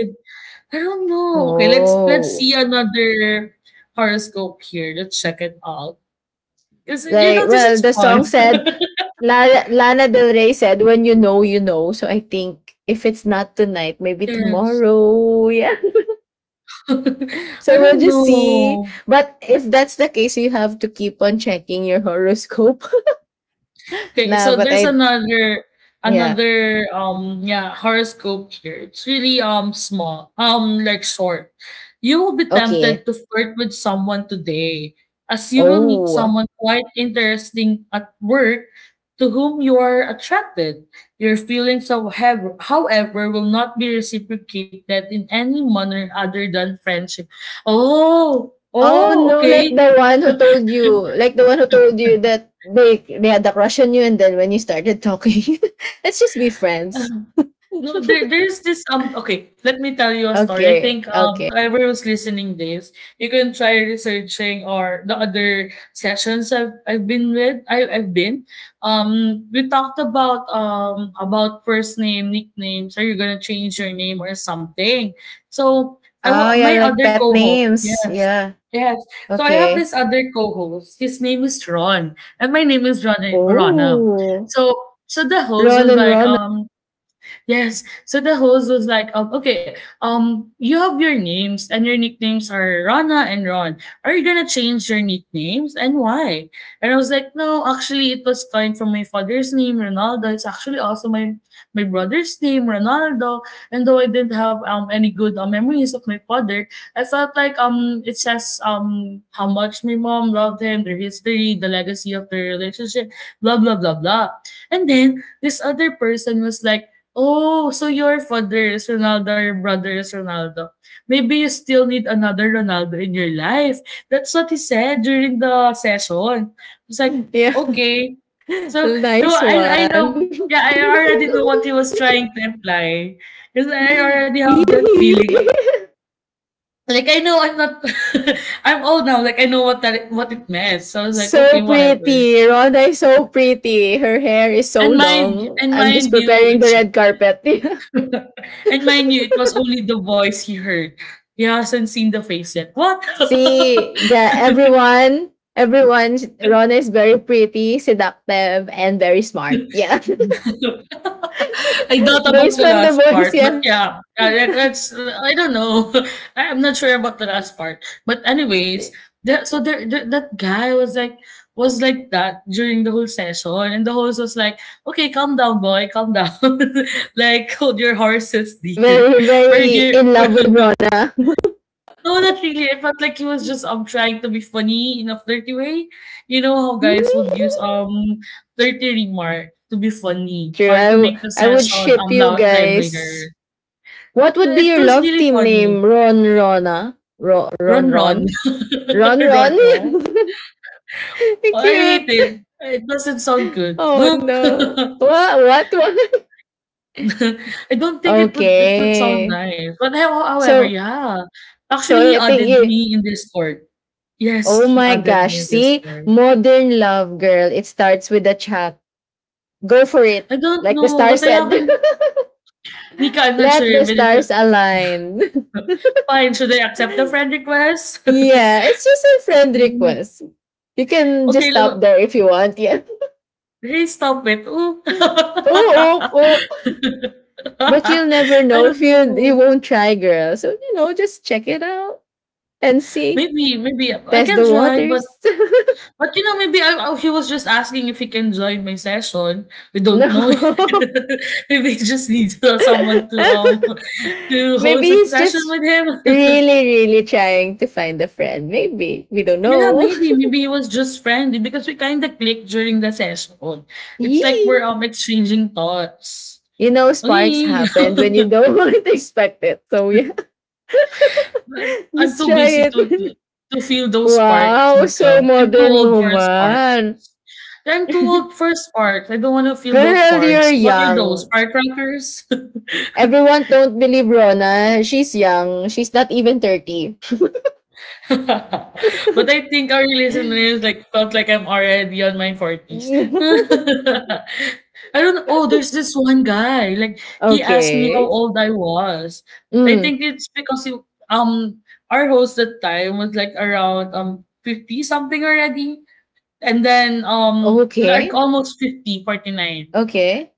I don't know. Okay, let's let's
Oh.
see another horoscope here. Let's check it out. Because you
Like,
know this
well,
is
the
fun.
song
[laughs]
said, Lana, Lana Del Rey said, when you know, you know. So I think if it's not tonight, maybe
Yes.
tomorrow. Yeah. [laughs]
[laughs] I
So we'll
don't
just see.
know.
But if that's the case, you have to keep on checking your horoscope. [laughs]
Okay,
nah,
so
but
there's
I,
another
yeah.
another um yeah horoscope here. It's really um small um like short. You will be tempted
Okay.
to flirt with someone today, as you will meet
Oh.
someone quite interesting at work to whom you are attracted. Your feelings, however, however, will not be reciprocated in any manner other than friendship. Oh,
Oh
oh,
no, like
okay.
the one who told you, like the one who told you that they they had a crush on you and then when you started talking, [laughs] let's just be friends.
No, there there's this um okay, let me tell you a story. I
Okay.
think um
Okay.
whoever was listening this, you can try researching or the other sessions I've I've been with. I I've been. Um we talked about um about first name, nicknames, are you gonna change your name or something? So I
Oh
wa
yeah,
my
I like
other
pet
co-host,
names.
yes.
Yeah.
Yes. So I have
Okay.
this other co-host. His name is Ron, and my name is Ron Rana.
Oh.
So so the host
Ron
was
and
like,
Ron. [laughs]
um, yes. So the host was like, um, okay, um, you have your names and your nicknames are Rana and Ron. Are you gonna change your nicknames and why? And I was like, no, actually it was coined from my father's name, Ronaldo. It's actually also my my brother's name, Ronaldo. And though I didn't have um any good uh, memories of my father, I felt like um it says um how much my mom loved him, their history, the legacy of their relationship, blah blah blah blah. And then this other person was like oh, so your father is Ronaldo, your brother is Ronaldo. Maybe you still need another Ronaldo in your life. That's what he said during the session. It's like,
Yeah.
okay. So,
[laughs]
no,
nice
I, I know,
one.
yeah,
[laughs]
I already know what he was trying to imply. Because I already
hee
have that feeling. Like, I know I'm not, [laughs] I'm old now. Like, I know what that, what it meant. So I was like, okay,
so
whatever.
pretty. Rhonda is so pretty. Her hair is so
And mind,
long.
and
I'm just
mind you,
preparing the
it's
red carpet.
[laughs] and
[laughs]
mind you, it was only the voice he heard. He hasn't seen the face yet. What? [laughs]
See, yeah, everyone, everyone, Rona is very pretty, seductive, and very smart. Yeah.
I doubt
[laughs]
about
Based
the
from the
last
voice,
part, but
yeah.
yeah, uh, that, that's I don't know. [laughs] I'm not sure about the last part, but anyways, that so there, there that guy was like was like that during the whole session, and the host was like, "Okay, calm down, boy, calm down. [laughs] like hold your horses, dear.
Very,
We're
very
here."
in love
[laughs]
with Rona. [laughs]
No, not really. I felt like he was just um trying to be funny in a flirty way. You know how guys would use um flirty remark to be funny
True.
or
I,
to
w-
make the
I would
session
ship
um
you
loud
guys.
livelier.
What would be
It
your
was
love
really
team
funny.
name? Ron Rona? Ro- Ron
Run, run,
Ron?
[laughs]
Ron
run,
Ron?
run.
[laughs]
Oh, I hate it.
Cute.
It doesn't sound good.
Oh
[laughs]
no. What? What? What?
I don't
[laughs]
think it would it would sound
Okay.
nice. But how- however,
So
yeah. Actually,
so
he
I think
added
you.
me in Discord.
Oh
Yes, he
my
added
gosh!
me in
See,
Discord.
modern love, girl. It starts with a chat. Go for it,
I don't
like the
know,
star
but I
said.
haven't Nika, I'm
[laughs]
not sure
Let the
even if you
stars align. [laughs]
fine, should I accept the friend request? [laughs]
yeah, it's just a friend
Mm,
request. You can just
okay,
stop
lo
there if you want. Yeah. [laughs]
hey, stop it. Oh. [laughs]
Oh, oh, oh. But you'll never
I
know if
don't
you you
know.
won't try, girl. So you know, just check it out and see.
Maybe maybe I
Test
can
the
try, but
waters.
but, you know, maybe I I he was just asking if he can join my session. We
[laughs] no.
don't know.
[laughs]
[laughs] Maybe he just needs, [laughs] uh, someone to, um,
[laughs]
to
Maybe
host a
he's
session
just
with him. [laughs]
really, really trying to find a friend. Maybe. We don't
Yeah,
know.
maybe. Maybe it was just friendly because we kinda clicked during the session.
[laughs]
It's like we're,
Yee.
um, exchanging thoughts.
You know, sparks
Uy.
happened when you
[laughs]
don't [laughs] want to expect it. So, yeah.
But
[laughs]
I'm
just
too
try
busy to to
it.
to feel
[laughs]
those sparks,
wow.
Nika.
So
I'm too
modern
old for sparks.
woman.
Yeah, I'm too old for sparks. I don't wanna feel those
Girl, you're
sparks. What are those?
young.
Firecrackers? [laughs]
Everyone don't believe Rona. She's young. She's not even thirty.
[laughs]
[laughs]
But I think our listeners, like, felt like I'm already on my forties.
[laughs]
[laughs] I don't know. Oh, there's this one guy, like, he asked me how
okay.
old I was. I
Mm,
think it's because he, um our host at the time was like around um fifty something already. And then um like
okay.
almost fifty, forty nine.
Okay.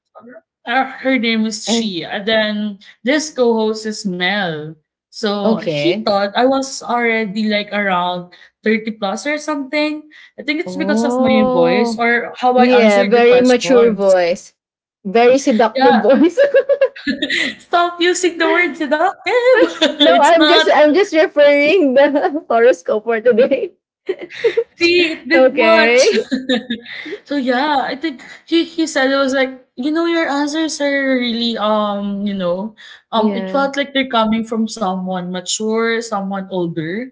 Uh, her name is
And
Chi. And then this co-host is Mel. So he
okay.
thought I was already like around thirty plus or something. I think it's because of my voice
Oh.
or how I
Yeah,
answered the
very mature
questions.
voice. Very seductive
Yeah.
voice.
[laughs] Stop using the word seductive.
[laughs]
[laughs]
no,
it's
I'm
not
just I'm just referring the [laughs] horoscope for today. [laughs]
see, it did much.
Okay.
[laughs] so yeah, I think he he said it was like, you know, your answers are really um, you know, um, it
Yeah.
felt like they're coming from someone mature, someone older,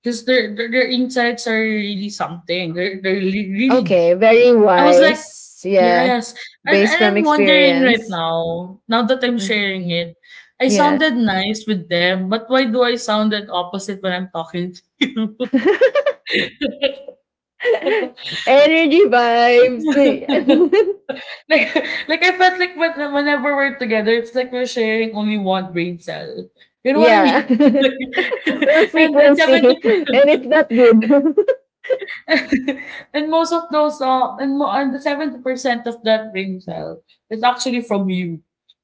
because their, their their insights are really something. They're they're really, really
Okay,
deep.
very
I was like,
wise. Yeah.
yes, and
Based
and
from
I'm wondering right
experience.
now, now that I'm
Mm.
sharing it, I
Yeah.
sounded nice with them, but why do I sound that opposite when I'm talking to
[laughs]
you?
Energy vibes.
[laughs] Like, [laughs] like I felt like when, whenever we're together, it's like we're sharing only one brain cell. You
[laughs]
know what I mean? [laughs]
yeah.
Like,
[laughs] One
[laughs] and and
frequency
seventy
and it's not good. [laughs]
[laughs] and most of those uh, and mo- and the seventy percent of that brain cell is actually from you,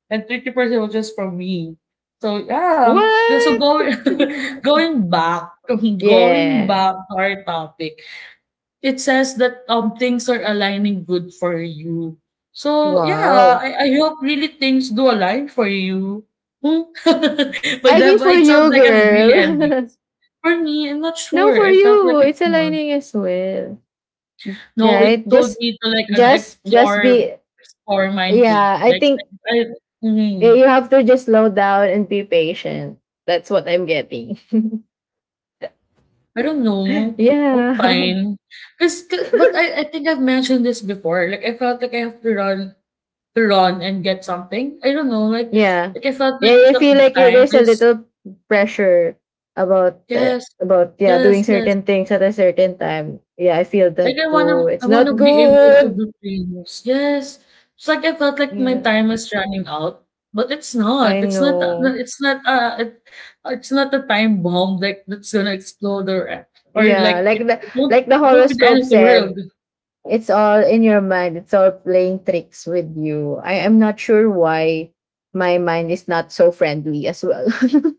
and thirty percent was just from me. So yeah, um, so
What?
going [laughs]
[laughs]
going back, [laughs] going
Yeah.
back to our topic. It says that, um, things are aligning good for you. So, yeah,
Wow.
I I hope really things do align for you. Hmm? [laughs] By
I
that,
mean
but
for
it sounds
you,
like I'm really envious.
girl.
For me, I'm not
[laughs] no,
sure.
for
I felt like
you.
it's
It's
not.
aligning as well.
No, it
Right?
told
Just
me to, like, ano,
just just be
explore explore mindfully.
yeah, I
Like,
think
I I
eh,
mhm.
you have to just slow down and be patient. That's what I'm getting.
I don't
[laughs]
know. Oh,
yeah. [laughs]
fine. Fine. 'Cause 'ca but I I think I've mentioned this before. Like, I felt like I have to run to run and get something. I don't know, like
Yeah.
like I felt
Yeah,
like
I feel
the
like it-
time
there's a
is
little pressure about uh,
yes,
about yeah,
yes,
doing
yes.
certain things at a certain time. Yeah, I feel
Like I
that too.
wanna I
It's
wanna
not
be able to
good.
do things. Yes. It's like I felt like my
Yeah.
time is running out, but it's not.
I
It's not a- no,
know.
it's not a it, it's not a time bomb like that's gonna explode or or
Yeah,
like
like
it,
the
it won't
like the
it won't be the end
horoscope
of the world.
said, it's all in your mind. It's all playing tricks with you. I am not sure why my mind is not so friendly as well. [laughs]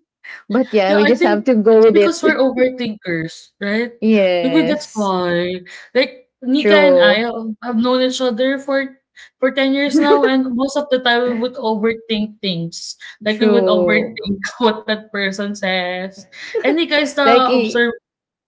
but
Yeah,
yeah, we
I
just
think
have to go
it's
with it.
because we're
[laughs]
overthinkers, right? Maybe that's
yes.
why. Like Nika and I
True.
um, have known each other for for ten years now, and most of the time we would overthink things. Like we would
True.
overthink [laughs] what that person says. And Nika is
[laughs]
the
like e-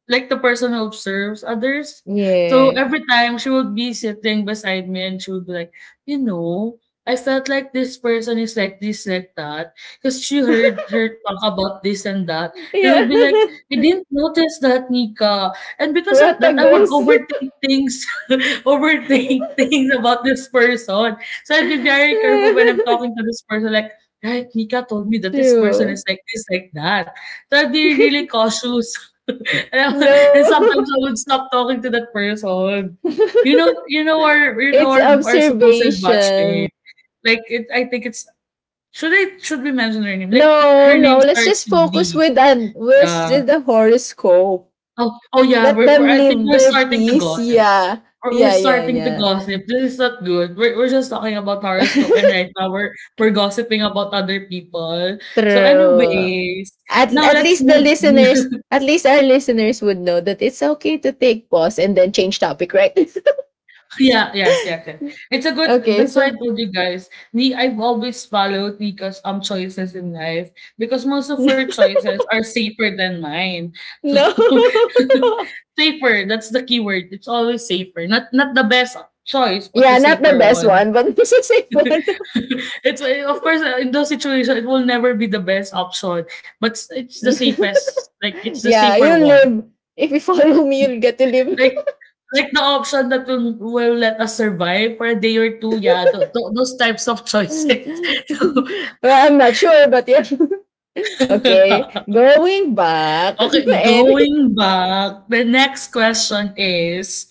like the person who observes others. So
yeah
every time she would be sitting beside me and she would be like, you know, I felt like this person is like this, like that, because she heard
[laughs]
her talk about this and that. And I would
yeah
be like, I didn't notice that, Nika. And
[laughs]
because of
what a
that, I would
gossip
overthink things, [laughs] overthink things about this person. So I'd be very careful when I'm
[laughs]
talking to this person, like, right, Nika told me that this person is
true
like this, like that. So I'd be really
[laughs]
cautious [laughs] and sometimes
no
I would stop talking to that person. You know,
[laughs]
you know our you know
it's
our, our supposed
observation
batchmate. Like it, I think it's should I should we mention her name?
no
Like her
no
name
let's
starts
just
with
focus
D.
with an with
Yeah.
the horoscope
Oh, oh yeah.
let
We're, we're
them
I think
live
we're
their
starting to
peace
gossip.
yeah
We're, we're
yeah yeah
starting to
yeah
gossip. This is not good. We're, we're just talking about horoscope, and
[laughs]
right now we're we're gossiping about other people. So,
True.
anyways,
At
now
at
let's
least the
move. [laughs]
listeners, at least our listeners would know that it's okay to take pause and then change topic, right? [laughs]
Yeah, yes, yes, yes. It's a good
okay,
that's why I
so
told you guys, Ni I've always followed Nika's um choices in life because most of her
[laughs]
choices are safer than mine. So
no.
[laughs] safer, that's the key word. It's always safer. Not not the best choice,
[laughs]
but the
yeah, not the
safer
best
one.
one, but [laughs] it's a safe one.
[laughs] It's of course uh, in those situations it will never be the best option, but it's it's the safest, like it's
[laughs]
the
yeah,
safer
you'll live.
one.
If you follow me, you'll get to live. [laughs]
Like like the option that will will let us survive for a day or two, yeah, tho tho those types of choices.
well, I'm not sure, but yeah. [laughs] okay,
[laughs]
going back
Okay,
[laughs] and
going back, the next question is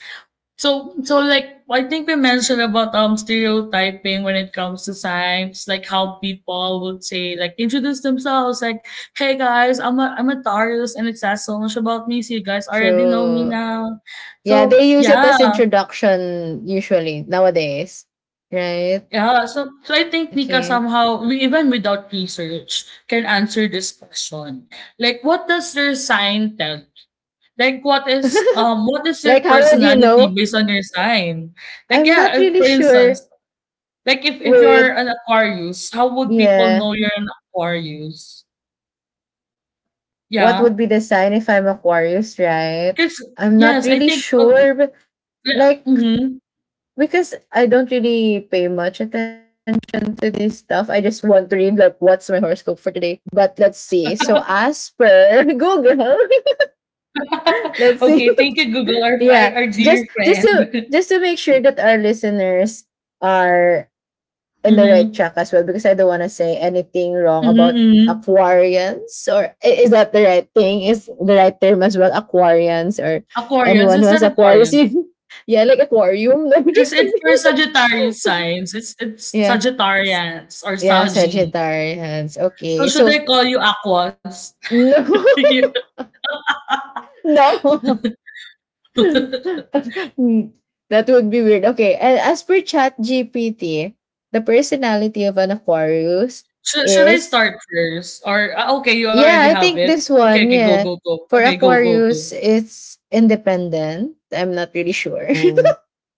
so so like I think we mentioned about, um, stereotyping when it comes to science, like how people would say, like, introduce themselves, like, "Hey guys, I'm a I'm a Taurus and it says so much about me, so you guys already know me
true.
now."
Yeah,
So,
they use it
yeah.
as introduction usually nowadays, right?
Yeah, so, so I think Nika
Okay.
somehow, we, even without research, can answer this question. Like, what does your sign tell? Like, what is
[laughs]
um, what is your
like, how would you
personality
know?
based on your sign? Like,
I'm
yeah,
not
if-
really
for instance,
sure
like if if you're
with,
an Aquarius, how would people
yeah,
know you're an Aquarius?
what
Yeah,
would be the sign if I'm Aquarius, right?
because
I'm not
yes, I
really
think. Oh,
sure, but
yeah,
like,
mhm.
because I don't really pay much attention to this stuff. I just want to read, like, what's my horoscope for today. But let's see. So, as per [laughs] Google, [laughs] let's
[laughs]
see.
Okay, thank you, Google, our our,
Yeah,
our
just
dear
just
friend.
to just to make sure that our listeners are
[laughs]
in the right
Mm-hmm.
track as well, because I don't want to say anything wrong about
Mm-hmm.
Aquarians or I- is that the right thing, is the right term as well, Aquarians or
Aquarians,
anyone who
is
has
that
Aquarius.
Aquarians?
[laughs] Yeah, like aquarium. [laughs] I'm
Because
just
it
kidding.
for Sagittarius signs, it's
[laughs]
it's
Yeah. S-
Sagittarians or
yeah,
Saggy.
Sagittarians.
So
Okay,
should
so
I call you Aquas? [laughs]
no. [laughs] no. [laughs] Hmm, that would be weird. Okay, and as per Chat G P T, the personality of an Aquarius
should, should I
is
start first? Or ah, okay, you already
yeah, I
have
think
it.
this
Okay,
one,
okay, go,
yeah.
go, go.
For
Okay, go, go, go.
Aquarius, it's independent. I'm not really sure.
Oh,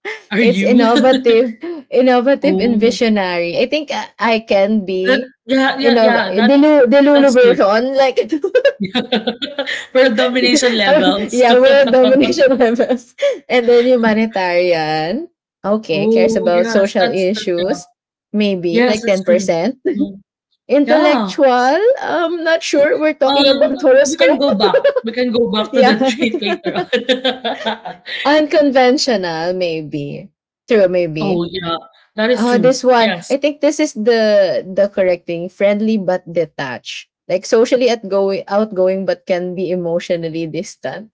[laughs]
are
it's
you?
innovative,
[laughs]
innovative and
oh,
visionary. I think I, I can
that,
be
yeah, yeah,
innov-
yeah. That
delulu
that's good.
version like. [laughs]
[laughs] For
[laughs]
domination levels.
yeah, world
[laughs]
domination [laughs] levels. And then humanitarian. Okay, cares
Oh
about
yes,
social
that's that. Yeah.
issues. Maybe
Yes,
like
that's true.
ten percent.
Mhm. Yeah.
Intellectual. I'm not sure. We're talking about
Um, we can
horoscope.
go back. We can go
[laughs]
back to the [laughs]
yeah.
treat later on. [laughs]
Unconventional, maybe. True,
Oh,
maybe.
yeah, that is
Oh,
true.
this one.
Yes.
I think this is the the correct thing. Friendly but detached. Like socially outgoing, outgoing but can be emotionally distant.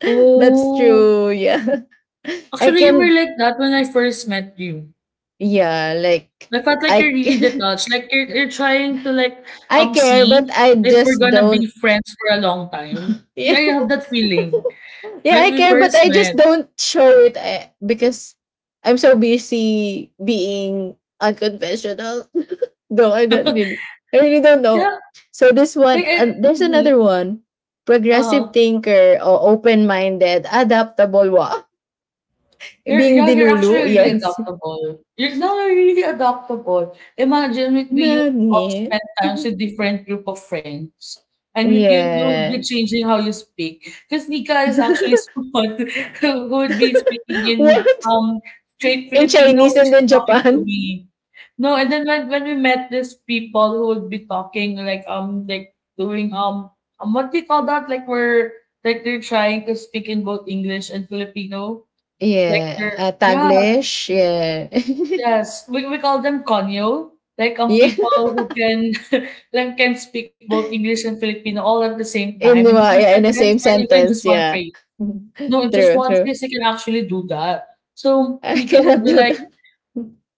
[laughs] That's
Oh,
true. Yeah. [laughs] I
actually, you were
can
like that when I first met you.
yeah, like
I felt like you're
I
really
c-
detached. Like you're you're trying to like
[laughs] I
um
care but
see
I
if we're
just
gonna be
don't.
friends for a long time.
[laughs]
Yeah,
Yeah,
I have that feeling when
I
we
care but
first
I just
met.
don't show it eh, because I'm so busy being unconventional. [laughs] no, I don't
[laughs]
really, I really don't know.
Yeah,
So this
like
one
I,
and there's another
uh
one. Progressive
uh-huh.
thinker or open-minded, adaptable wa. [laughs]
You're yeah,
Being
you're
dilulu,
actually really
yes.
adaptable. You're no, you're really adaptable. Imagine if we used to all
Nani?
spend times
[laughs]
with different group of friends. And you you you would be
Yeah.
changing how you speak. Because Nika is actually
[laughs]
someone [laughs] who would be speaking in
What?
um straight
In
Filipino
Chinese
when
and
she's
then
talking to
Japan?
me. No, and then when, when we met these people who would be talking like um like doing um um what do you call that? Like we're like they're trying to speak in both English and Filipino like
Yeah,
they're
uh,
yeah,
Taglish, yeah.
yes. We we call them konyo, like, um,
[laughs] yeah,
people who can [laughs] like, can speak both English and Filipino all at the same time
in
in one
wa- yeah, in the
sentence
same
or even in
sentence,
just one
yeah.
phrase.
[laughs]
No, in just
true,
one
true.
phrase, they can actually do that. So,
I
Mika will
cannot
be
do
like,
that.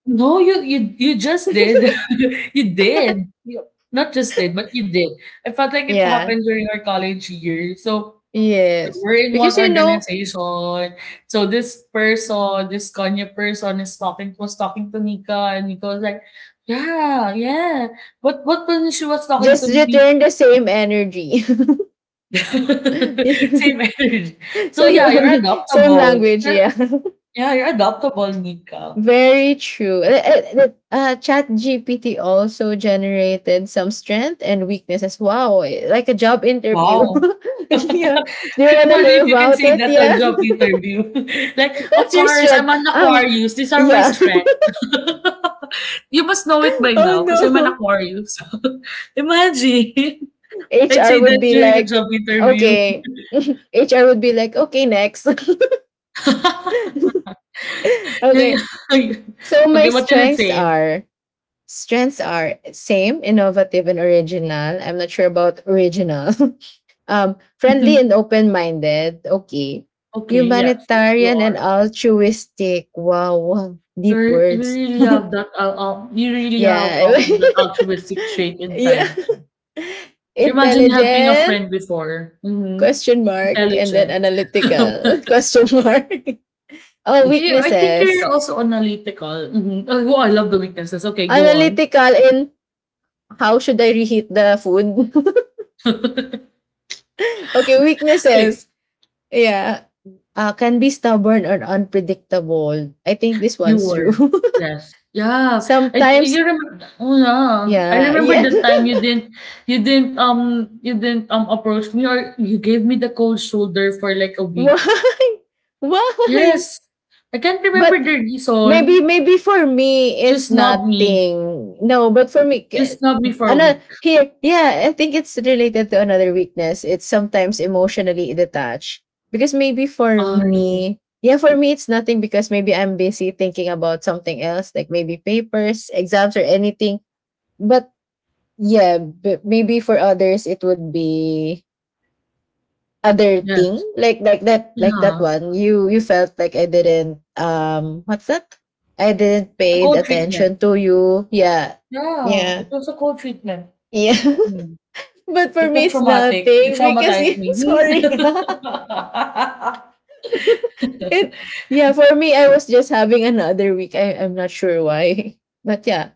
"No, you you you just did.
[laughs]
[laughs] You did. You not just did, but you did." I felt like it
yeah.
happened during our college year. So
Yes.
we're in
Because
one
you know,
organization. So this person, this Kanya person is talking was talking to Nika and Nika was like, Yeah, yeah. What what when she was talking to
just
me?
return the same energy. [laughs]
[laughs] Same energy. So
same
yeah, you're
energy, same
adaptable.
language, yeah. [laughs]
Yeah, you're adaptable, Nika.
Very true. Uh, uh, uh, Chat G P T also generated some strength and weaknesses. Wow, eh, like a job interview.
Wow. [laughs]
[laughs] yeah. Do you want to
Imagine if
hear
you can
about
say
it?
that on
Yeah.
job interview. [laughs] Like,
[laughs]
of
What's your
course, I'm
strength?
an
Um,
Aquarius. These are my
yeah.
strengths. [laughs] You must know it by
[laughs] oh
now because I'm an
no.
Aquarius. [laughs] Imagine. I'd say
H R
that
would be
during a job
like,
interview.
okay. [laughs] H R would be like, okay, next.
[laughs]
[laughs]
Yeah,
okay.
yeah.
So my
Okay, what did it
strengths
say?
are strengths are same, innovative, and original. I'm not sure about original. [laughs] Um, friendly and
[laughs]
open minded. Okay.
Okay, yes, yes, you
Humanitarian and
are.
altruistic. Wow. Wow. Deep
You're, you
words.
really have that, uh, um, you really have
Yeah.
um that
[laughs]
altruistic trait
yeah.
inside you.
[laughs]
Imagine helping a
Intelligent.
friend before. Mhm.
Question mark. And then
Intelligent.
analytical. [laughs]
[laughs]
Question mark. [laughs] oh,
Yeah, I think
weaknesses.
you're also analytical. Mhm. Oh, wow, I love the weaknesses. Okay, go on.
Analytical in how should I reheat the food?
[laughs]
[laughs] okay,
Okay,
weaknesses. Yeah. Uh, can be stubborn or unpredictable. I think this
you
one's true.
were.
[laughs]
Yes. Yeah. I you
Sometimes.
remember oh yeah. I
Yeah,
remember
yeah.
the time you didn't you didn't um you didn't um approach me or you gave me the cold shoulder for like a
[laughs]
week.
Why? Why?
Yes. I can't remember
But
the
maybe
reason.
maybe for me
You
it's
snubbed me.
nothing. No, but for me
You snubbed me for a
another
week.
here, yeah, I think it's related to another weakness. It's sometimes emotionally detached. Because maybe for
I
me, yeah, for me it's nothing because maybe I'm busy thinking about something else, like maybe papers, exams or anything. But yeah, but maybe for others it would be other
yes.
thing, like like that like that
Yeah.
one you you felt like I didn't, um what's that, I didn't
It's a
pay
co-treatment.
attention to you. Yeah,
Yeah,
yeah,
it was a co-treatment.
yeah.
Hmm.
[laughs] But
It
for me
was
it's
traumatic. It
nothing because
traumatized
you, [laughs]
me. Hmm.
sorry, [laughs]
[laughs]
it. Yeah, for me I was just having another week. I, i'm not sure why, [laughs] but yeah.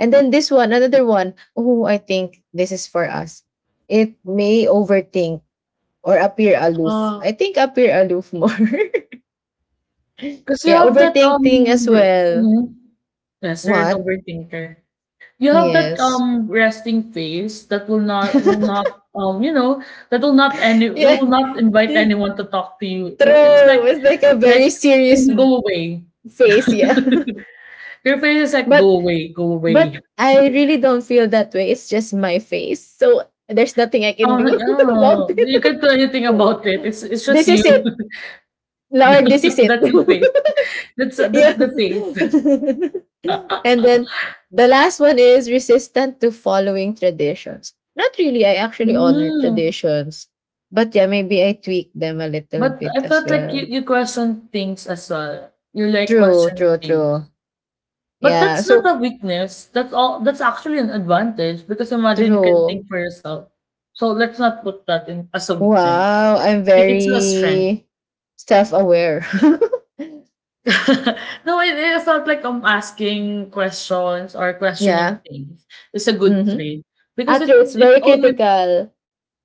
And then this one, another one. Oh, I think this is for us. It may overthink or appear aloof.
Ah,
I think appear aloof more. [laughs]
because you
Yeah,
have that um
overthinking as
r-
well.
mhm. Yes, you're an
What?
overthinker. You have that
Yes.
um resting face that will not will
[laughs]
not um you know that will not any it
yeah.
will not invite anyone to talk to you. Or it's like
True. It's like a
like
very
can
serious
you go away?
face, yeah.
[laughs] Your face is
[laughs]
like
but
go away, go
but
away.
I really don't feel that way. It's just my face. So there's nothing I can
Oh,
do [laughs] about
no, you
it.
can't do anything about it. It's it's
[laughs]
just
this
you.
is it.
[laughs]
Lord, this is it.
That's the faith.
[laughs]
That's that's
yeah.
the faith.
[laughs] And
[laughs]
then the last one is resistant to following traditions. Not really, I actually honor
Mm.
traditions. But yeah, maybe I tweak them a little
But
bit
I
as
felt like you
well.
you question things as well. You like
True,
questioning
true,
things.
true.
But
Yeah.
that's
So
not a weakness. That's all that's actually an advantage because imagine you can
true.
think for yourself. So let's not put that in as a weakness.
Wow, I'm
Like, it's a strength.
very self-aware. [laughs]
[laughs] No, it it felt like I'm asking questions or questioning
yeah.
things. It's a good
Mm-hmm.
trait
Ah,
because it
true. It's
it
very
only
critical.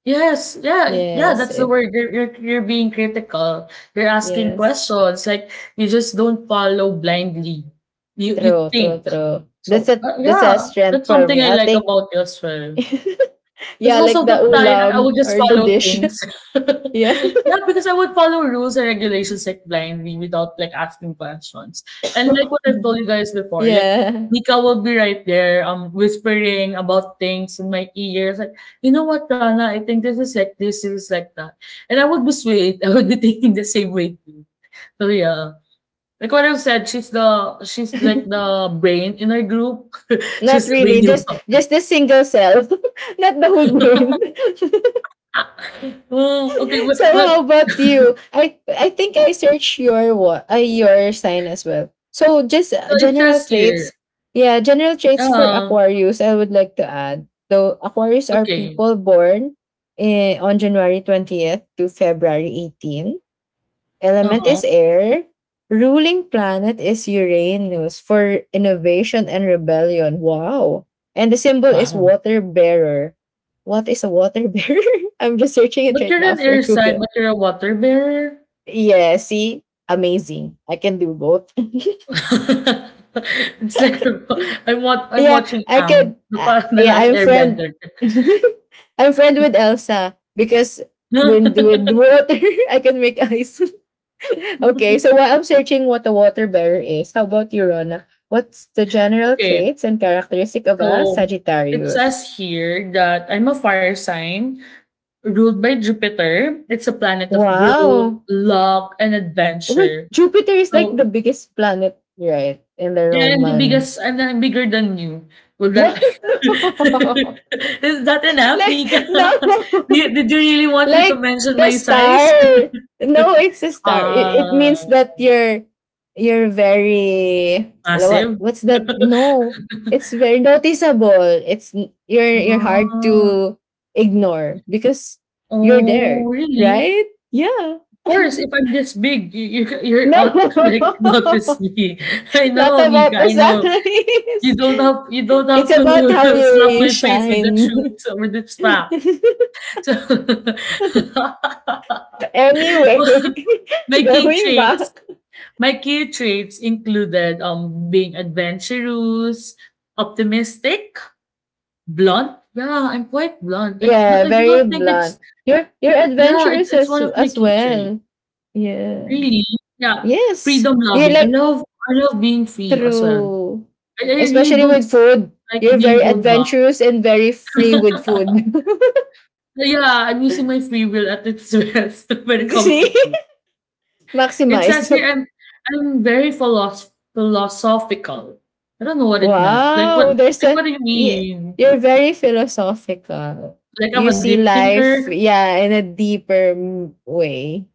yes, yeah, it- yeah,
Yes.
that's the
It.
word. You're you're you're being critical. You're asking
Yes.
questions. Like you just don't follow blindly. You you
True, true,
think.
true. That's
So
a
uh,
that's a
yeah,
strength
that's
for
something
me.
I
I'll
like
take
about you as well.
[laughs]
'Cause
yeah,
most
like
of
the
the time, I I would
ulam
just
or the
follow
dish.
things. [laughs]
[laughs] yeah.
Yeah, because I would follow rules and regulations, like, blindly without, like, asking questions. And like what I've told you guys
[laughs]
before, like,
yeah.
Nika will be right there, um, whispering about things in my ears, like, "You know what, Rana? I think this is like this, this is like that." And I would lose weight. [laughs] I would be thinking the same way too. So, yeah. Like what I've said, she's the she's like the brain in our group. [laughs]
Not
She's the
really.
brainy one.
Just just the single cell. [laughs] Not the whole brain.
[laughs]
[laughs]
Oh, okay, but
so
but.
how about you? I I think I searched your what uh, your sign as well. So just
So
uh,
it
general
says here,
traits. Yeah, general traits for
uh,
Aquarius I would like to add. So Aquarius are
okay,
people born eh, on January twentieth to February eighteenth. Element
uh-huh,
is air. Ruling planet is Uranus for innovation and rebellion. Wow. And the symbol is
wow.
water bearer. What is a water bearer? [laughs] I'm just searching it
But
right
you're
now
an
for
air sign,
Google.
but you're a water bearer?
Yeah, see? Amazing. I can do both.
[laughs] It's like [laughs] I'm wat
[laughs]
I'm
yeah,
watching
I
Ang,
could.
the
Uh,
pa [laughs] the
yeah,
last
I'm friend.
Airbender.
[laughs] I'm friend with Elsa because when with
[laughs]
water, [laughs] I can make ice. [laughs] Okay, so while I'm searching what a water bearer is, how about you, Rona? What's the general
Okay,
traits and characteristic of a
so it
Sagittarius?
says here that I'm a fire sign ruled by Jupiter. It's a planet of growth,
Wow.
luck, and
Wait,
adventure.
Jupiter is like
So
the biggest planet, right? In the
yeah, I'm the
Roman.
biggest I'm I'm bigger than you. Will that [laughs]
What? [laughs]
is that
No.
enough,
Like,
Nika? [laughs] Do you
no.
did you really want me to
Like
mention
the
my size?
star. No,
[laughs]
it's a star. It, it
Ah,
means that you're you're very, what
massive?
what's that? No, it's very noticeable. It's you're you're hard
Ah,
to ignore because you're
oh,
there,
really?
right? Yeah.
Of
[laughs]
course, if I'm this big, you, you you're ought to [laughs] like
no,
notice me. [laughs] I
[laughs] not
know,
about
Nika.
the
I know. You
size.
don't have you
[laughs]
don't
It's
have to
about how
[laughs]
you
slap
you
my face with that
shine.
shoe with that slap. [laughs] So
[laughs]
[laughs]
anyway,
My
[laughs]
key
going
traits.
back.
My key traits included um being adventurous, optimistic, blunt. Yeah, I'm quite blunt. I, but
Yeah,
I don't
very
think it's.
blunt. You're you're
Yeah, it's
adventurous
it's
as
one of my
as
key traits.
well. Yeah.
Really? Yeah.
Yes.
Freedom
You're
loving. I
like,
love I love being free as well.
true.
I, I really
Especially with
don't
food.
like
You're very
being held back.
adventurous and very free with food.
But yeah, I'm using my free will at its [laughs] best when it
[laughs]
comes
See?
to food. It's
Maximize.
actually I'm I'm very philosoph- philosophical. I don't know what it meant. Like what
Wow. There's
like what
a,
do you
yeah.
mean?
You're very philosophical.
Like, I'm
You
a
see
deep
life,
thinker.
yeah, in a deeper mm, way.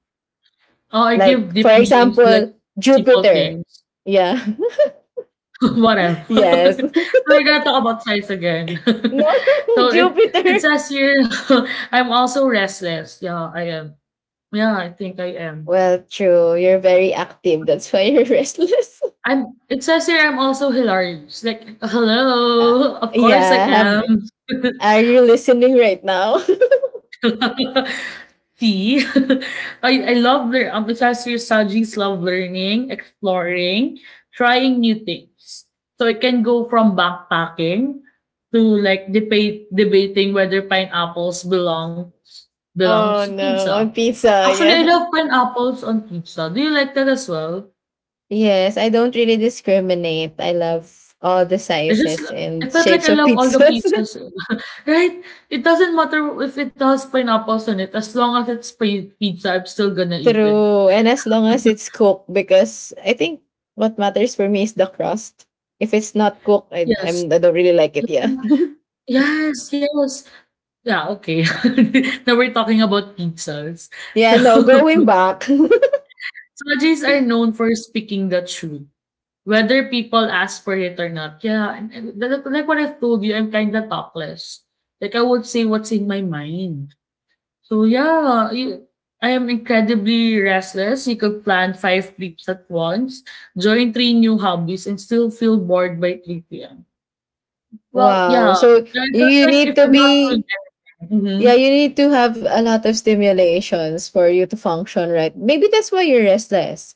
Oh, I give
Like, for
deep meanings to, like,
example,
simple
Jupiter.
things.
Yeah.
[laughs] Whatever.
[laughs] yes.
[laughs]
[laughs]
So we're gonna talk about size again. [laughs]
No, [laughs]
So it it
Jupiter.
says here, [laughs] I'm also restless. Yeah, I am. Yeah, I think I am.
Well, true. You're very active. That's why you're [laughs] restless.
I'm It says here I'm also hilarious. Like,
Uh,
hello, of course I
yeah.
am.
Have are you listening right now? [laughs]
[laughs] See, [laughs] I I love lear- um, it says here Saji's love learning, exploring, trying new things. So it can go from backpacking to like debate debating whether pineapples belong belongs
oh
to
no,
pizza.
on pizza.
Actually, I
Yeah.
love pineapples on pizza. Do you like that as well?
Yes, I don't really discriminate. I love all the
I just
sizes
I
and
felt like
shapes
I
of
love all the
pizzas.
pizzas, [laughs] right? It doesn't matter if it has pineapples on it. As long as it's pre- pizza, I'm still gonna
[laughs]
eat it.
True. And as long
[laughs]
as it's cooked, because I think what matters for me is the crust. If it's not cooked, I,
Yes.
I'm, I don't really like it. Yeah. [laughs]
Yes, yes. Yeah, okay. [laughs] Now we're talking about pizzas. So,
yeah, no,
[laughs]
going back. [laughs]
Sojis are known for speaking the truth, whether people ask for it or not. Yeah, and, and li- li- like what I've told you, I'm kind of talkless. Like I would say what's in my mind. So yeah, you, I am incredibly restless. You could plan five trips at once, join three new hobbies, and still feel bored by three p m. Well,
Wow.
yeah.
So
Like
you
like
need
if
to
I'm not
be
doing
yeah,
it.
you need to have a lot of stimulations for you to function, right? Maybe that's why you're restless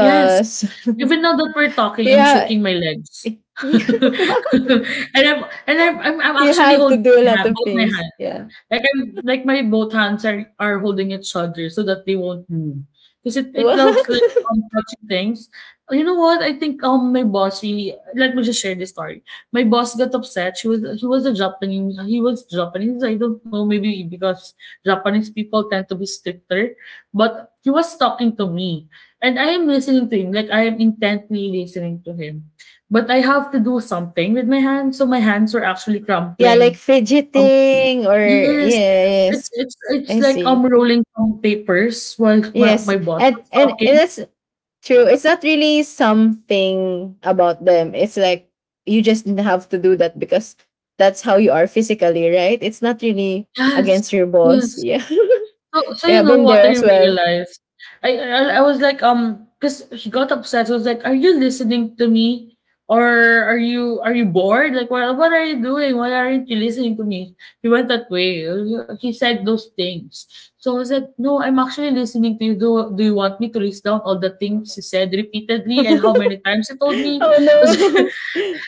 Yes. Even now that we're
[laughs]
talking, I'm
yeah,
shaking my legs.
[laughs]
[laughs]
what?
And I'm and I'm I'm I'm
You
actually
have to
holding
do a
my
lot
ha
of
both my
things.
hands.
Yeah.
Like I'm like my both hands are are holding each other so that they won't move. move. Cause it it looks like
What? [laughs]
I'm touching things. You know what? I think um my boss, he let me just share this story. My boss got upset. She was he was a Japanese He was Japanese. I don't know, maybe because Japanese people tend to be stricter. But he was talking to me. And I am listening to him. Like I am intently listening to him. But I have to do something with my hands. So my hands were actually
yeah, like
crumpling.
fidgeting or
Yes,
yeah,
it's
yes.
it's it's
I
like I'm
see.
rolling some papers while my
Yes.
my boss
And
was
and, and
talking.
that's true. It's not really something about them. It's like you just have to do that because that's how you are physically, right? It's not really
Yes,
against your boss.
yes.
Yeah.
So so
[laughs]
you
yeah,
know
been
what
there
I
as well.
realized? I I I was like, um, because she got upset. So I was like, "Are you listening to me? Or are you are you bored? Like, what what are you doing? Why aren't you listening to me?" He went that way. He said those things. So I was like, "No, I'm actually listening to you. Do do you want me to list down all the things you said repeatedly and how
[laughs]
many times you told me?"
oh no.
[laughs]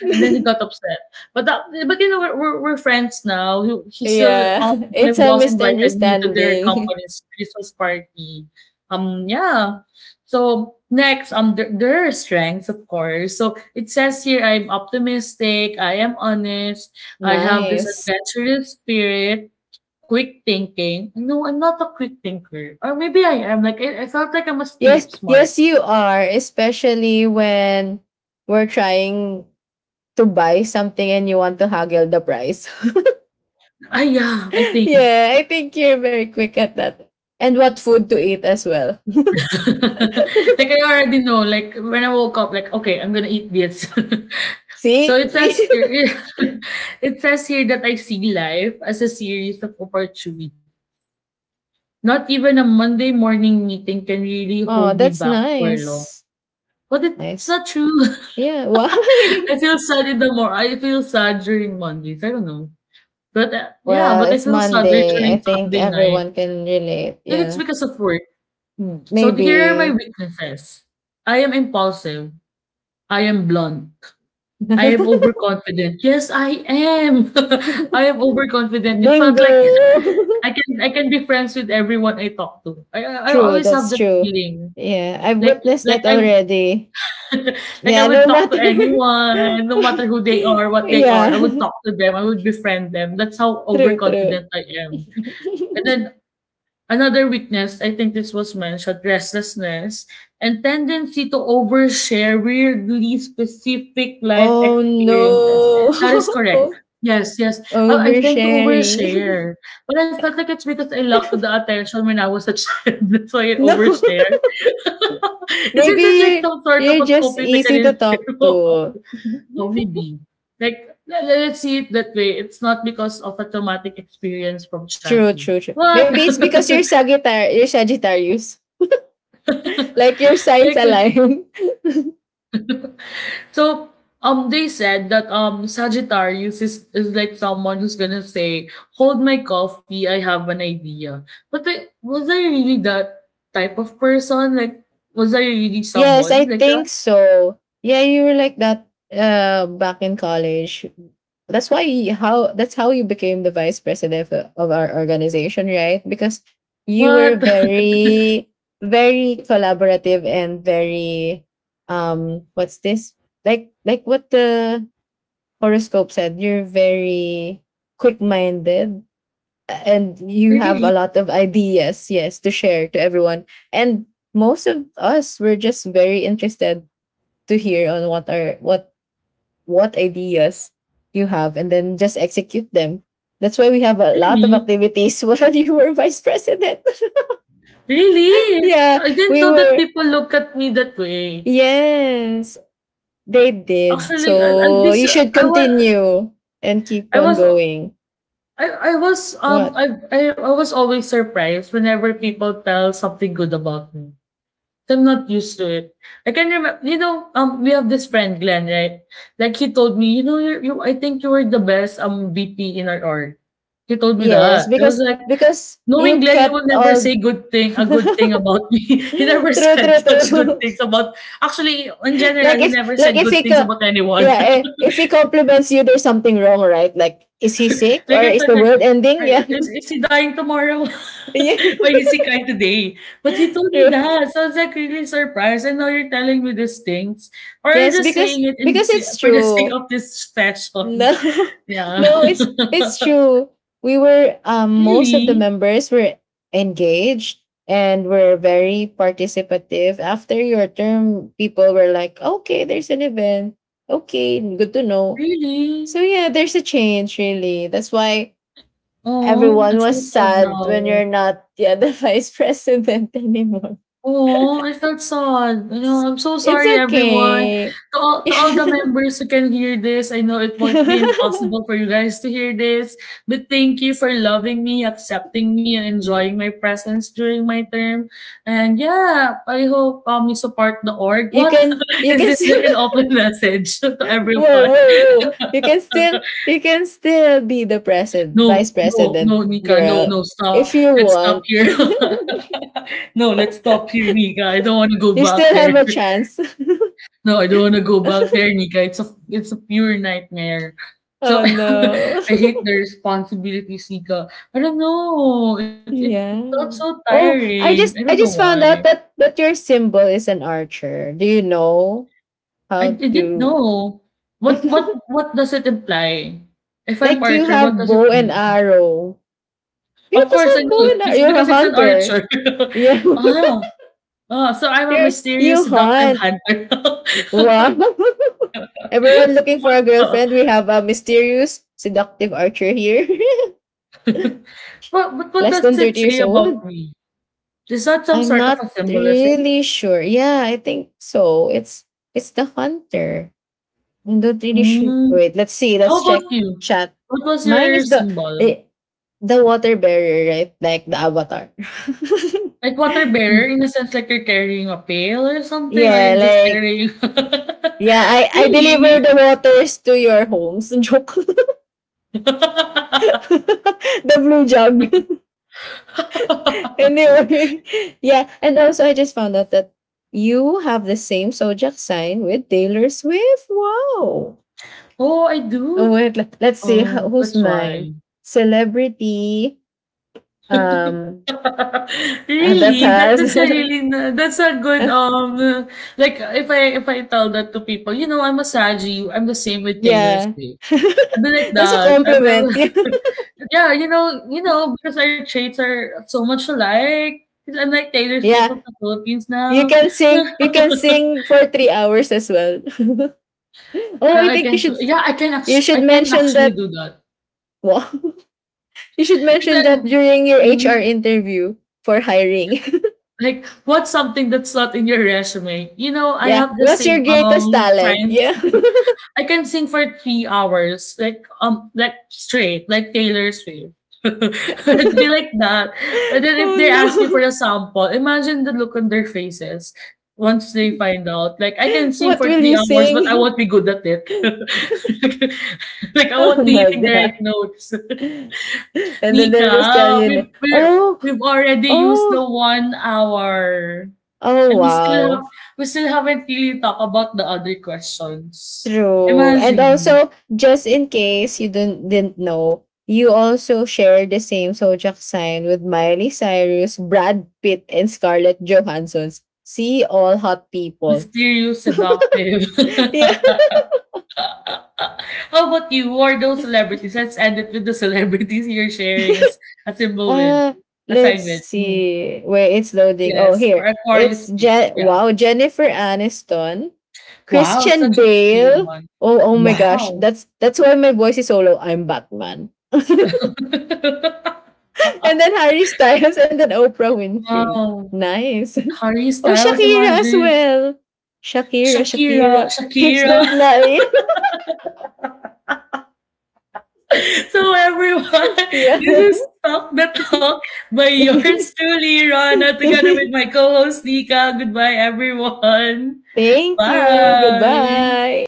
And then he got
[laughs]
upset. But that, but you know, we're, we're, we're friends now. He, he still,
yeah.
um,
[laughs]
my
It's a
boss invited me to their
misunderstanding.
company's Christmas party. Um, yeah. So next, um, there, there are strengths, of course. So it says here, I'm optimistic. I am honest.
[laughs]
I have this
nice.
adventurous spirit. Quick thinking. No, I'm not a quick thinker. Or maybe I am. Like I, I felt like I'm a
Yes,
street smart.
yes you are, especially when we're trying to buy something and you want to haggle the price. [laughs]
Ah, yeah, I
[laughs]
think.
yeah, I think you're very quick at that. And what food to eat as well.
[laughs]
[laughs]
Like I already know, like when I woke up, like okay, I'm gonna eat this. [laughs] So
See?
it says
See?
here,
[laughs]
[laughs] it says here that I see life as a series of opportunities. Not even a Monday morning meeting can really
Oh,
hold me
that's
back for long.
nice.
But it's
Nice.
not true.
Yeah,
[laughs] I
why?
feel sad in the more. I feel sad during Mondays. I don't know, but uh,
[laughs]
yeah,
well,
but I
it's
feel sadder
Monday. I
during
think
Sunday night.
everyone can relate.
I think it's
Yeah.
because of work. Mm. So here are my
Maybe.
weaknesses. I am impulsive. I am blunt.
[laughs]
I am overconfident. Yes, I am.
Bingo.
[laughs] I am overconfident. It felt like I
[laughs]
can I can be friends with everyone I talk to. I I I
true,
always have
that's
that
true.
feeling.
Yeah, I've
Like
witnessed
like
that
I'm
already.
[laughs] like I
Yeah, no
would talk to
matter. [laughs]
anyone, no matter who they are, what they are. I would
yeah,
talk to them. I would befriend them. That's how
[laughs] true, true.
overconfident I am. And then
[laughs]
another weakness, I think this was mentioned, restlessness and tendency to overshare weirdly specific life
Oh
experiences.
no.
That is correct. Yes, yes.
[laughs]
I, I tend to
Oversharing.
overshare.
[laughs]
But I felt like it's because I lacked the attention when I was a child. [laughs] That's why I
No. [laughs]
overshare. [laughs] Is
Maybe
it like
you're,
some sort of
you're
a
just
coping
easy to
mechanism?
talk
[laughs]
to.
Oh, maybe. Like, le- le- let's see it that way. It's not because of a traumatic experience from
True,
childhood.
true, true.
What?
Maybe it's because
[laughs]
you're Sagittarius, you're Sagittarius. [laughs]
[laughs]
Like your signs
Like
align. [laughs]
so um they said that um Sagittarius is is like someone who's gonna say, "Hold my coffee, I have an idea." But I, was I really that type of person? Like was I really
Yes,
someone
I
like that?
think so. Yeah, you were like that uh back in college. That's why you- how that's how you became the vice president of of our organization, right? Because you were
What? [laughs]
very very collaborative and very, um what's this? Like like what the horoscope said, you're very quick-minded and you have
Really?
a lot of ideas, yes, to share to everyone. And most of us were just very interested to hear on what are what what ideas you have and then just execute them. That's why we have a lot of
Really?
activities [laughs] when you were vice president. [laughs]
Really?
yeah,
I didn't
we
know that
were,
people look at me that way.
yes, they did.
Actually, I, I
So
this
you should
I was
continue and keep
I
on
was
going.
I, I was um
What?
I, I I was always surprised whenever people tell something good about me. I'm not used to it. I can remember, you know, um, we have this friend, Glenn, right? Like he told me, you know, you, you I think you were the best um V P in our org. He told me
Yes,
that. I
because
was like,
because you
knowing Glenn, he would
kept
never
all
say good
[laughs] [laughs]
thing, a good thing about me. [laughs] He never
true,
said
true,
such good
true.
things about. Actually, in
[laughs]
general,
like
he
if
never
like
said
if
good
he
things
co-
about anyone.
yeah,
[laughs]
eh, if he compliments you, there's something wrong, right? Like is he sick
Like
or
it's
is
like
the
like,
world ending?
"Are
Yeah.
is is he dying tomorrow?
[laughs] yeah.
[laughs] Why is
[laughs]
he crying today?" But he told me
True.
that, so I was like really surprised, and now you're telling me these things, or you're
Yes,
just
because
saying it in
because
sa
it's
for the sake
true.
of this session.
No. [laughs]
[laughs] Yeah.
no, it's
[laughs]
it's true. We were um Most of the
Really?
members were engaged and were very participative. After your term, people were like, okay, there's an event. Okay, good to know. So
Really?
yeah, there's a change really. That's why
Oh, I
everyone was
feel sad
sad when
now.
you're not, yeah, the [laughs] vice president anymore.
Oh, I felt sad. You know, I'm so
It's
sorry, everyone.
okay.
To
[laughs]
all, to all the
you
members who can hear this, I know it might be impossible for you guys to hear this, but thank you for loving me, accepting me, and enjoying my presence during my term. And yeah, I hope um you support the org. What
can
[laughs]
you
is
can
this
still
like an open message [laughs] to
[laughs] whoa, whoa,
everyone?
whoa.
[laughs]
You can still you can still be the president
No,
vice
no,
president
no, Nika, no,
girl
no, stop.
if you
Let's stop
want.
here.
[laughs]
[laughs] No, let's stop here, Nika. I don't want to go
you
back
still
there.
have a chance.
No, I don't want to go back
[laughs]
there, Nika. It's a it's a pure nightmare. So [laughs]
oh
I
no.
hate
[laughs]
the responsibilities, Nika. I don't know. It it, it felt
Yeah.
so
Oh, I
tiring. I
just
don't know
I just found
why.
out that that your symbol is an archer. Do you know
I,
how
I didn't
to
know. What what
[laughs]
what does it imply? If I'm
like you
archer, what
have
does it
bow and
mean?
arrow. You
Of
just
course I
have
know.
bow and arrow.
It's
You're
because
a
it's an
hunter.
archer.
Yeah.
[laughs]
[laughs]
ah, ah, so I'm a
You're you
mysterious, seductive
hunt.
hunter.
Wow.
[laughs]
[laughs] Everyone looking for a
Ah.
girlfriend. We have a mysterious seductive archer here.
[laughs] but, but
[laughs]
what
Less
does
than
it
thirty
say
years
about
old.
me? Is that some
I'm
sort of a
not
symbolism?
really sure. Yeah, I think so. It's it's the hunter. I'm not really sure.
Mm.
Wait, let's see.
How
Let's
about
check
you?
chat.
What was
Mine
your
is the
symbol?
the, the water bearer, right? Like the avatar.
Like water bearer
[laughs]
in a sense like you're carrying a pail or something or
yeah,
you're just
like
carrying.
yeah,
[laughs]
I I
Really?
deliver the waters to your homes. [laughs] Joke. [laughs]
[laughs]
the blue jug. [laughs] anyway, yeah, and also I just found out that you have the same zodiac sign with Taylor Swift. Wow.
Oh, I
Oh,
do.
wait, let- let's see ho-
Um,
who's
that's
mine.
why.
Celebrity. Um,
[laughs]
ah, that
Really? That
has
that's a
[laughs]
really n- that's a good um like if I if I tell that to people, you know, I'm a Saji, I'm the same with Taylor
Yeah.
Swift. I'd be like
[laughs] That's a
that. I will-
compliment.
[laughs] yeah, you know, you know, because our traits are so much alike. 'Cause I'm like Taylor
[laughs]
Swift
yeah.
of the Philippines
You
now.
can sing you can sing
[laughs]
for three hours as well. [laughs] oh,
Uh,
I
I
think you
can,
should
yeah, I can,
you
actu-
should
I can
mention
actually
that.
do that.
Wow. [laughs] you should mention
Because
that
I'm,
during your H R
mhm.
interview for hiring.
Like, what's something that's not in your resume? You know,
[laughs]
I
yeah.
have the
What's your
same
greatest
um
talent?
science
Yeah. [laughs]
I can sing for three hours, like um, like straight, like Taylor Swift. [laughs] It'd be like that. But then if
oh
they ask me for
no.
a sample, imagine the look on their faces once they find out. Like I can sing
What
for
will
three
you
hours, but I
sing?
won't be good at it.
[laughs]
[laughs] Like I
oh
won't be
my
hitting the right
god.
notes.
[laughs]
[laughs]
and then they'll just tell
Nika,
you, na,
we've we're,
oh,
we've already used the
oh,
one hour,
oh,
and we still have
wow.
we still haven't really talked about the other questions.
True. And
Imagine.
also, just in case you didn't, didn't know, you also share the same zodiac sign with Miley Cyrus, Brad Pitt, and Scarlett Johansson's. See all hot people.
Mysterious, seductive.
[laughs] Yeah.
[laughs] How about you? Who are those celebrities? Let's end it with the celebrities you're sharing as a symbol with.
Uh, let's
Assignment. Mm.
see where it's loading. Oh,
Yes,
here
for
it's
Aquarius tips.
Je-
Yeah.
wow Jennifer Aniston,
Wow,
Christian
such a picky
Bale.
one.
Oh, oh my gosh,
Wow.
that's that's why my voice is so low. I'm Batman, [laughs] and
[laughs]
then Harry Styles, and then Oprah Winfrey.
Wow.
Nice. [laughs]
Harry
Oh,
Styles,
Shakira as
imagine.
well. Shakira,
Shakira,
Shakira. Hips
Shakira.
don't lie.
So, everyone,
[laughs]
[laughs]
yeah.
this is Talk the Talk by yours truly, Rana, together with my co-host Nika. Goodbye, everyone.
[laughs] Thank you.
Bye.
Goodbye.